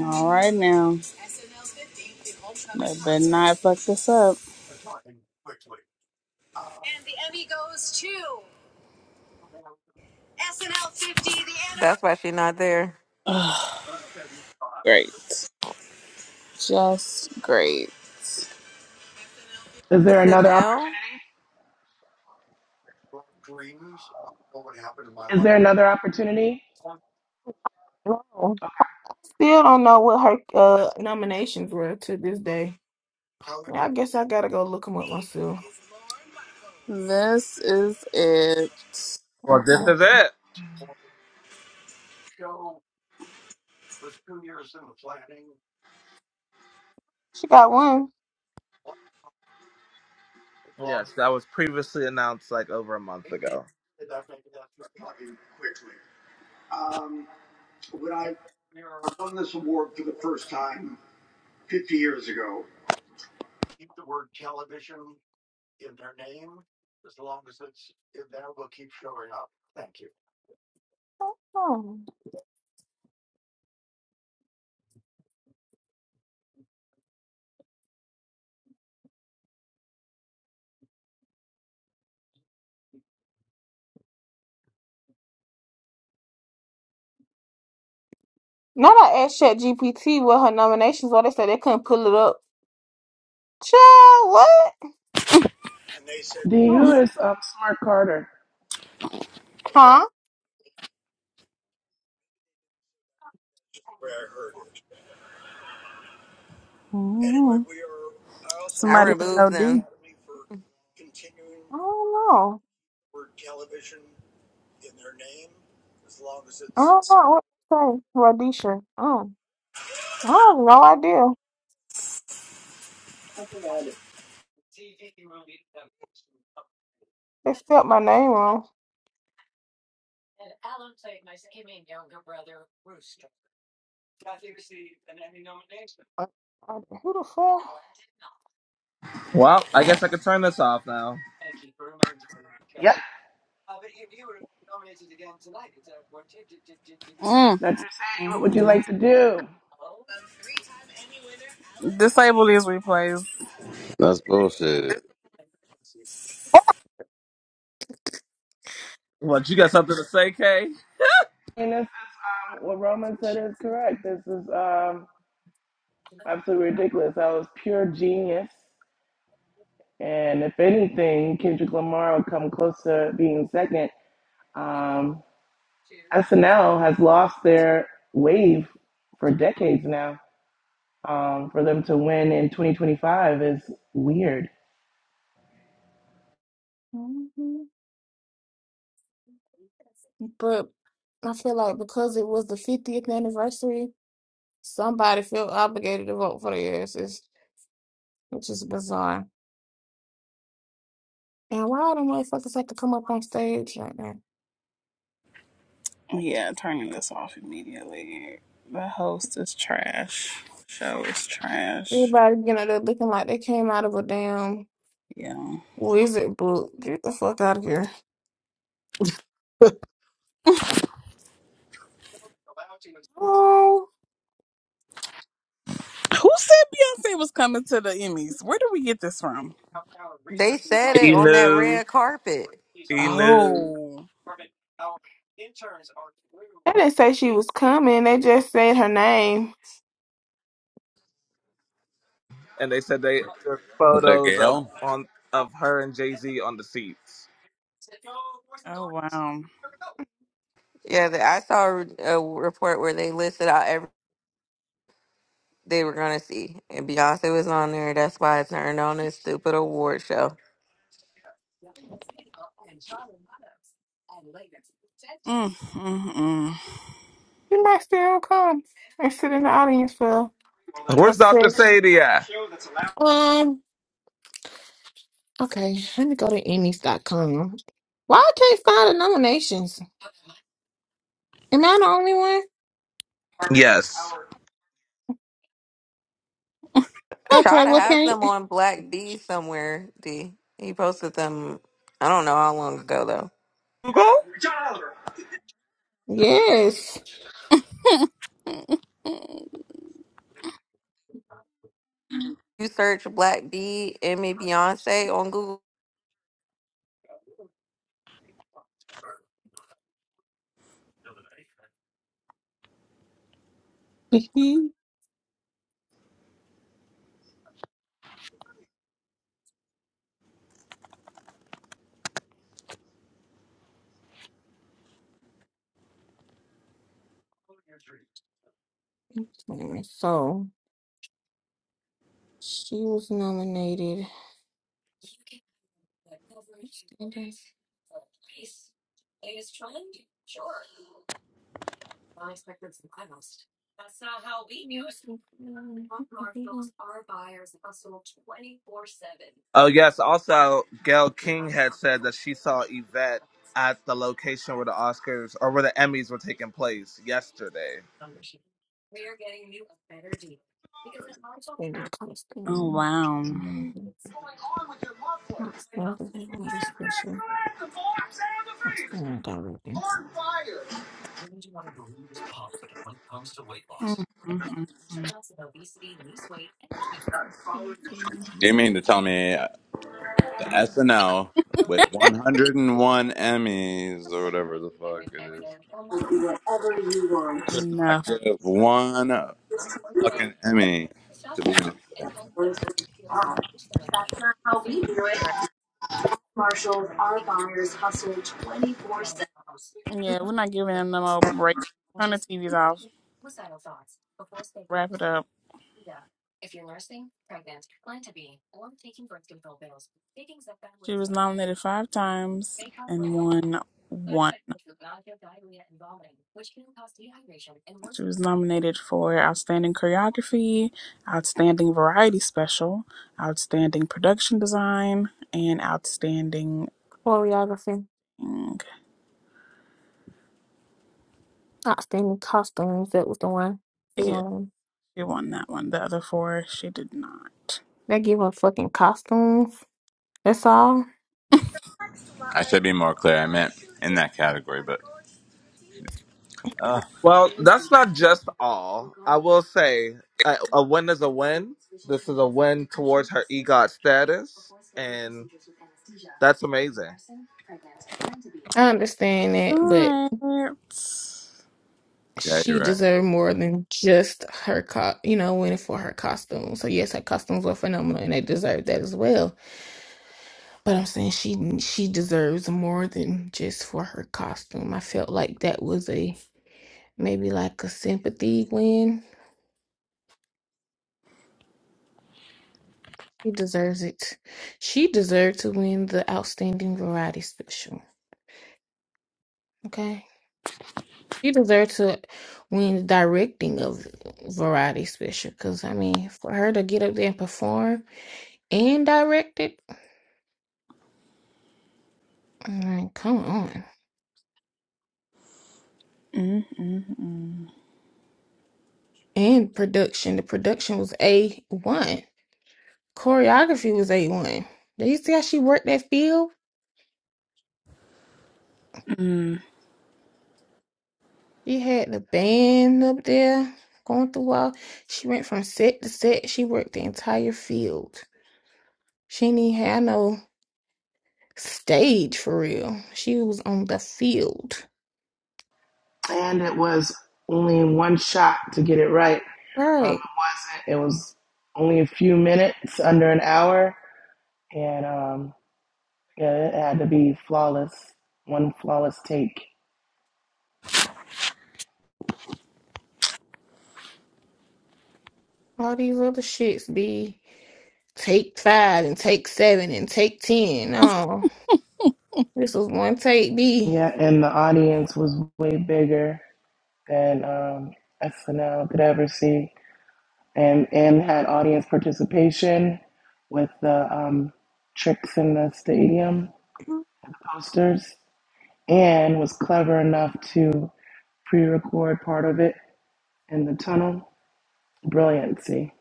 B: All right now, they better not fuck this up.
I: That's why she's not there.
B: Ugh, great, just great.
D: Is there another? opp?
I: SNL,
D: Is there another opportunity?
F: no. Still don't know what her uh, nominations were to this day. I guess I gotta go look them up myself.
B: This is it.
C: This
F: Okay.
C: is it. Yes, that was previously announced like over a month ago.
F: Oh. now I asked ChatGPT what her nominations were. They said they couldn't pull it up. Child, what?
D: D,
F: Oh.
D: who is um, Smart Carter?
F: Huh? I
B: Mm.
I: I
B: Somebody who know
I: removed
B: D.
I: them.
F: don't know. I don't know what to say. Radisha. Oh. I have no idea. They spelled my name wrong. I- Who the fuck?
C: Well, I guess I could turn this off now.
D: Yep.
B: Mm.
D: Dr. Sadie, what would you
B: Mm-mm.
D: like to do?
B: Disable these replays.
J: That's bullshit.
C: What you got something to say, Kay?
D: And this is um, what Roman said is correct. This is um, absolutely ridiculous. That was pure genius. And if anything, Kendrick Lamar would come close to being second. Um, SNL has lost their wave for decades now. Um, for them to win in 2025 is weird.
F: Mhm. But I feel like because it was the 50th anniversary, somebody felt obligated to vote for the asses, which is bizarre. And why do motherfuckers have to come up on stage like that?
B: Yeah, turning this off immediately. The host is trash. Show is trash.
F: Everybody getting up there looking like they came out of a damn
B: Yeah.
F: wizard book. Get the fuck out of here. Oh,
B: Who said Beyonce was coming to the Emmys? Where did we get this from?
I: They said it
C: He
I: on that
C: knew,
I: red carpet.
B: Oh.
F: they didn't say she was coming. They just said her name.
C: and they said they took photos of on of her and Jay Z on the seats.
B: Oh wow.
I: Yeah, the, I saw a report where they listed out every they were gonna see, and Beyonce was on there. That's why it turned on this stupid award show.
B: Mm, mm,
F: She might still come and sit in the audience for a
C: Where's
F: sec.
C: Dr. Sadie at?
F: Um, okay, let me go to Emmys. dot com. Why I can't find the nominations? Am I the only one?
C: Yes.
F: Okay,
I: Shada
F: well,
I: has
F: can't.
I: them on Black D somewhere. D he posted them. I don't know how long ago though.
C: Google.
F: Yes.
B: mm.
I: You search Black D Emmy Beyonce on Google.
F: He- so, she was nominated.
C: Oh yes. Also, Gail King had said that she saw Yvette at the location where the Oscars or where the Emmys were taking place yesterday.
B: Oh wow. Mm, mm, mm, mm.
J: You mean to tell me SNL with 101 Emmys or whatever the fuck it is could not
B: Enough.
J: give one fucking Emmy to Beyonce?
B: Right. Yeah, we're not giving them no more break. Turn the TVs off. Wrap it up. She was nominated five times and won one. She was nominated for Outstanding Choreography, Outstanding Variety Special, Outstanding Production Design, and Outstanding
F: Choreography,
B: Okay.
F: outstanding costumes. That was the one.
B: Yeah,
F: Um,
B: she won that one. The other four, she did not.
F: they give her fucking costumes. That's all.
J: I should be more clear. I meant in that category, but uh,
C: Well, that's not just all. I will say a, a win is a win. This is a win towards her EGOT status, and that's amazing.
F: I understand.
B: All right.
J: yeah,
F: she
J: you're right.
F: deserved more than just her co- you know winning for her costume so yes her costumes were phenomenal and they deserved that as well but i'm saying she she deserves more than just for her costume i felt like that was a maybe like a sympathy win she deserves it she deserved to win the outstanding variety special okay she deserved to win the directing of variety special because i mean for her to get up there and perform and directed Like, come on.
B: Mm-mm-mm.
F: And production. The production was A1. Choreography was A1. Did you see how she worked that field? She had the band up there going through all. She went from set to set. She worked the entire field. She didn't even have no stage for real. She was on the field.
D: And it was only one shot to get it right. Um,
F: Right.
D: it wasn't. It was only a few minutes, under an hour and um, yeah, it had to be flawless, one flawless take.
F: All these other shits be take five and take seven and take ten. No. This was one take B.
D: Yeah, and the audience was way bigger than um, SNL could ever see, and and had audience participation with the um, tricks in the stadium, the posters, and was clever enough to pre-record part of it in the tunnel. Brilliancy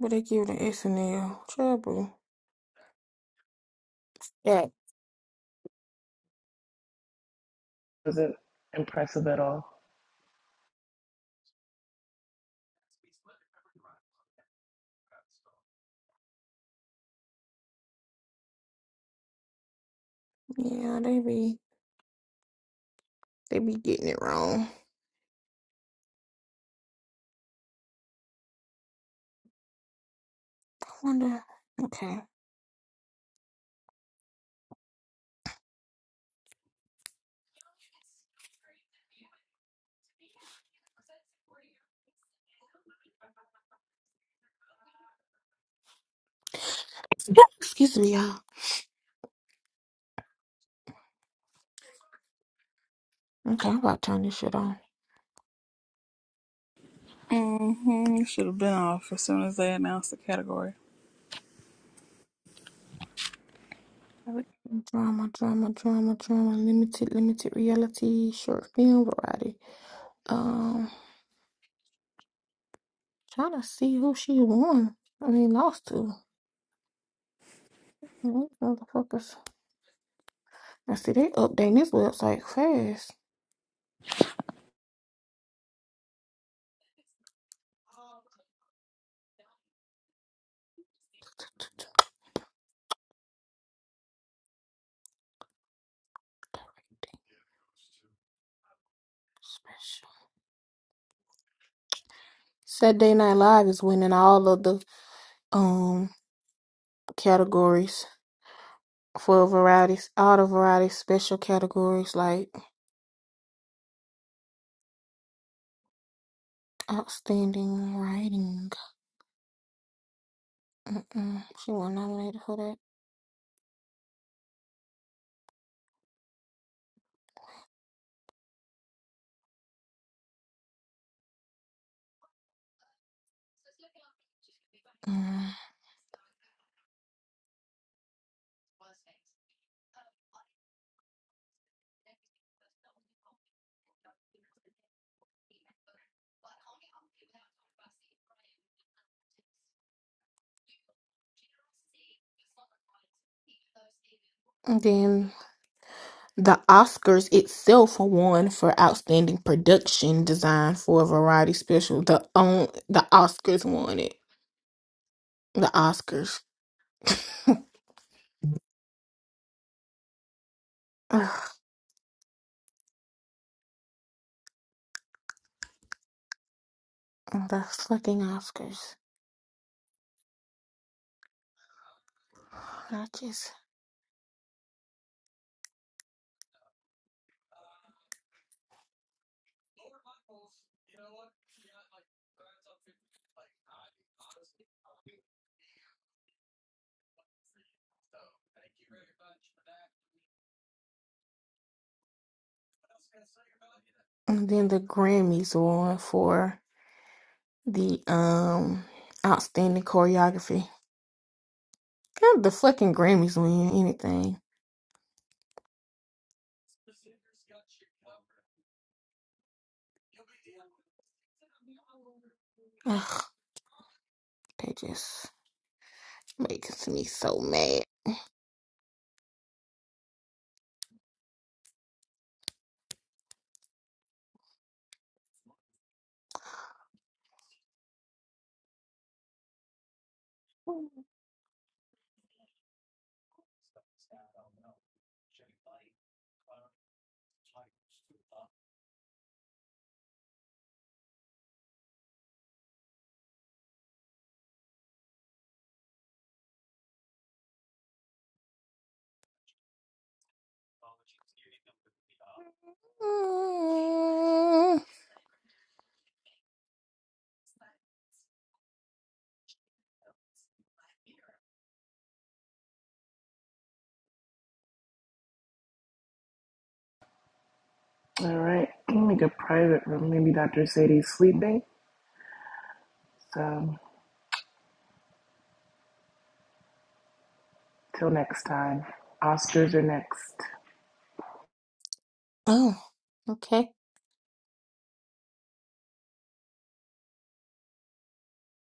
F: But they give the SNL trouble. Yeah.
D: wasn't impressive at all.
F: Yeah, they be they be getting it wrong. I wonder. Okay, excuse me, y'all. Okay, I'm about to turn this shit on.
B: Mm-hmm. Should have been off as soon as they announced the category.
F: Drama, drama, drama, drama. Limited, limited reality short film variety. Um, trying to see who she won. I mean, lost to. Mm, Motherfuckers. I see they updating this website fast. Special. Saturday Night Live is winning all of the um categories. for varieties, all the varieties, special categories like outstanding writing. Mm-mm, she was nominated for that. And then the Oscars itself won for outstanding production design for a variety special. The own the Oscars won it. The Oscars. Ugh, the fucking Oscars. Notches. And then the Grammys won for the um outstanding choreography. God, the fucking Grammys win anything. They just makes me so mad. Mm.
D: All right, I'm gonna make a private room. Maybe Dr. Sadie's sleeping. So, till next time, Oscars are next.
F: Oh, okay.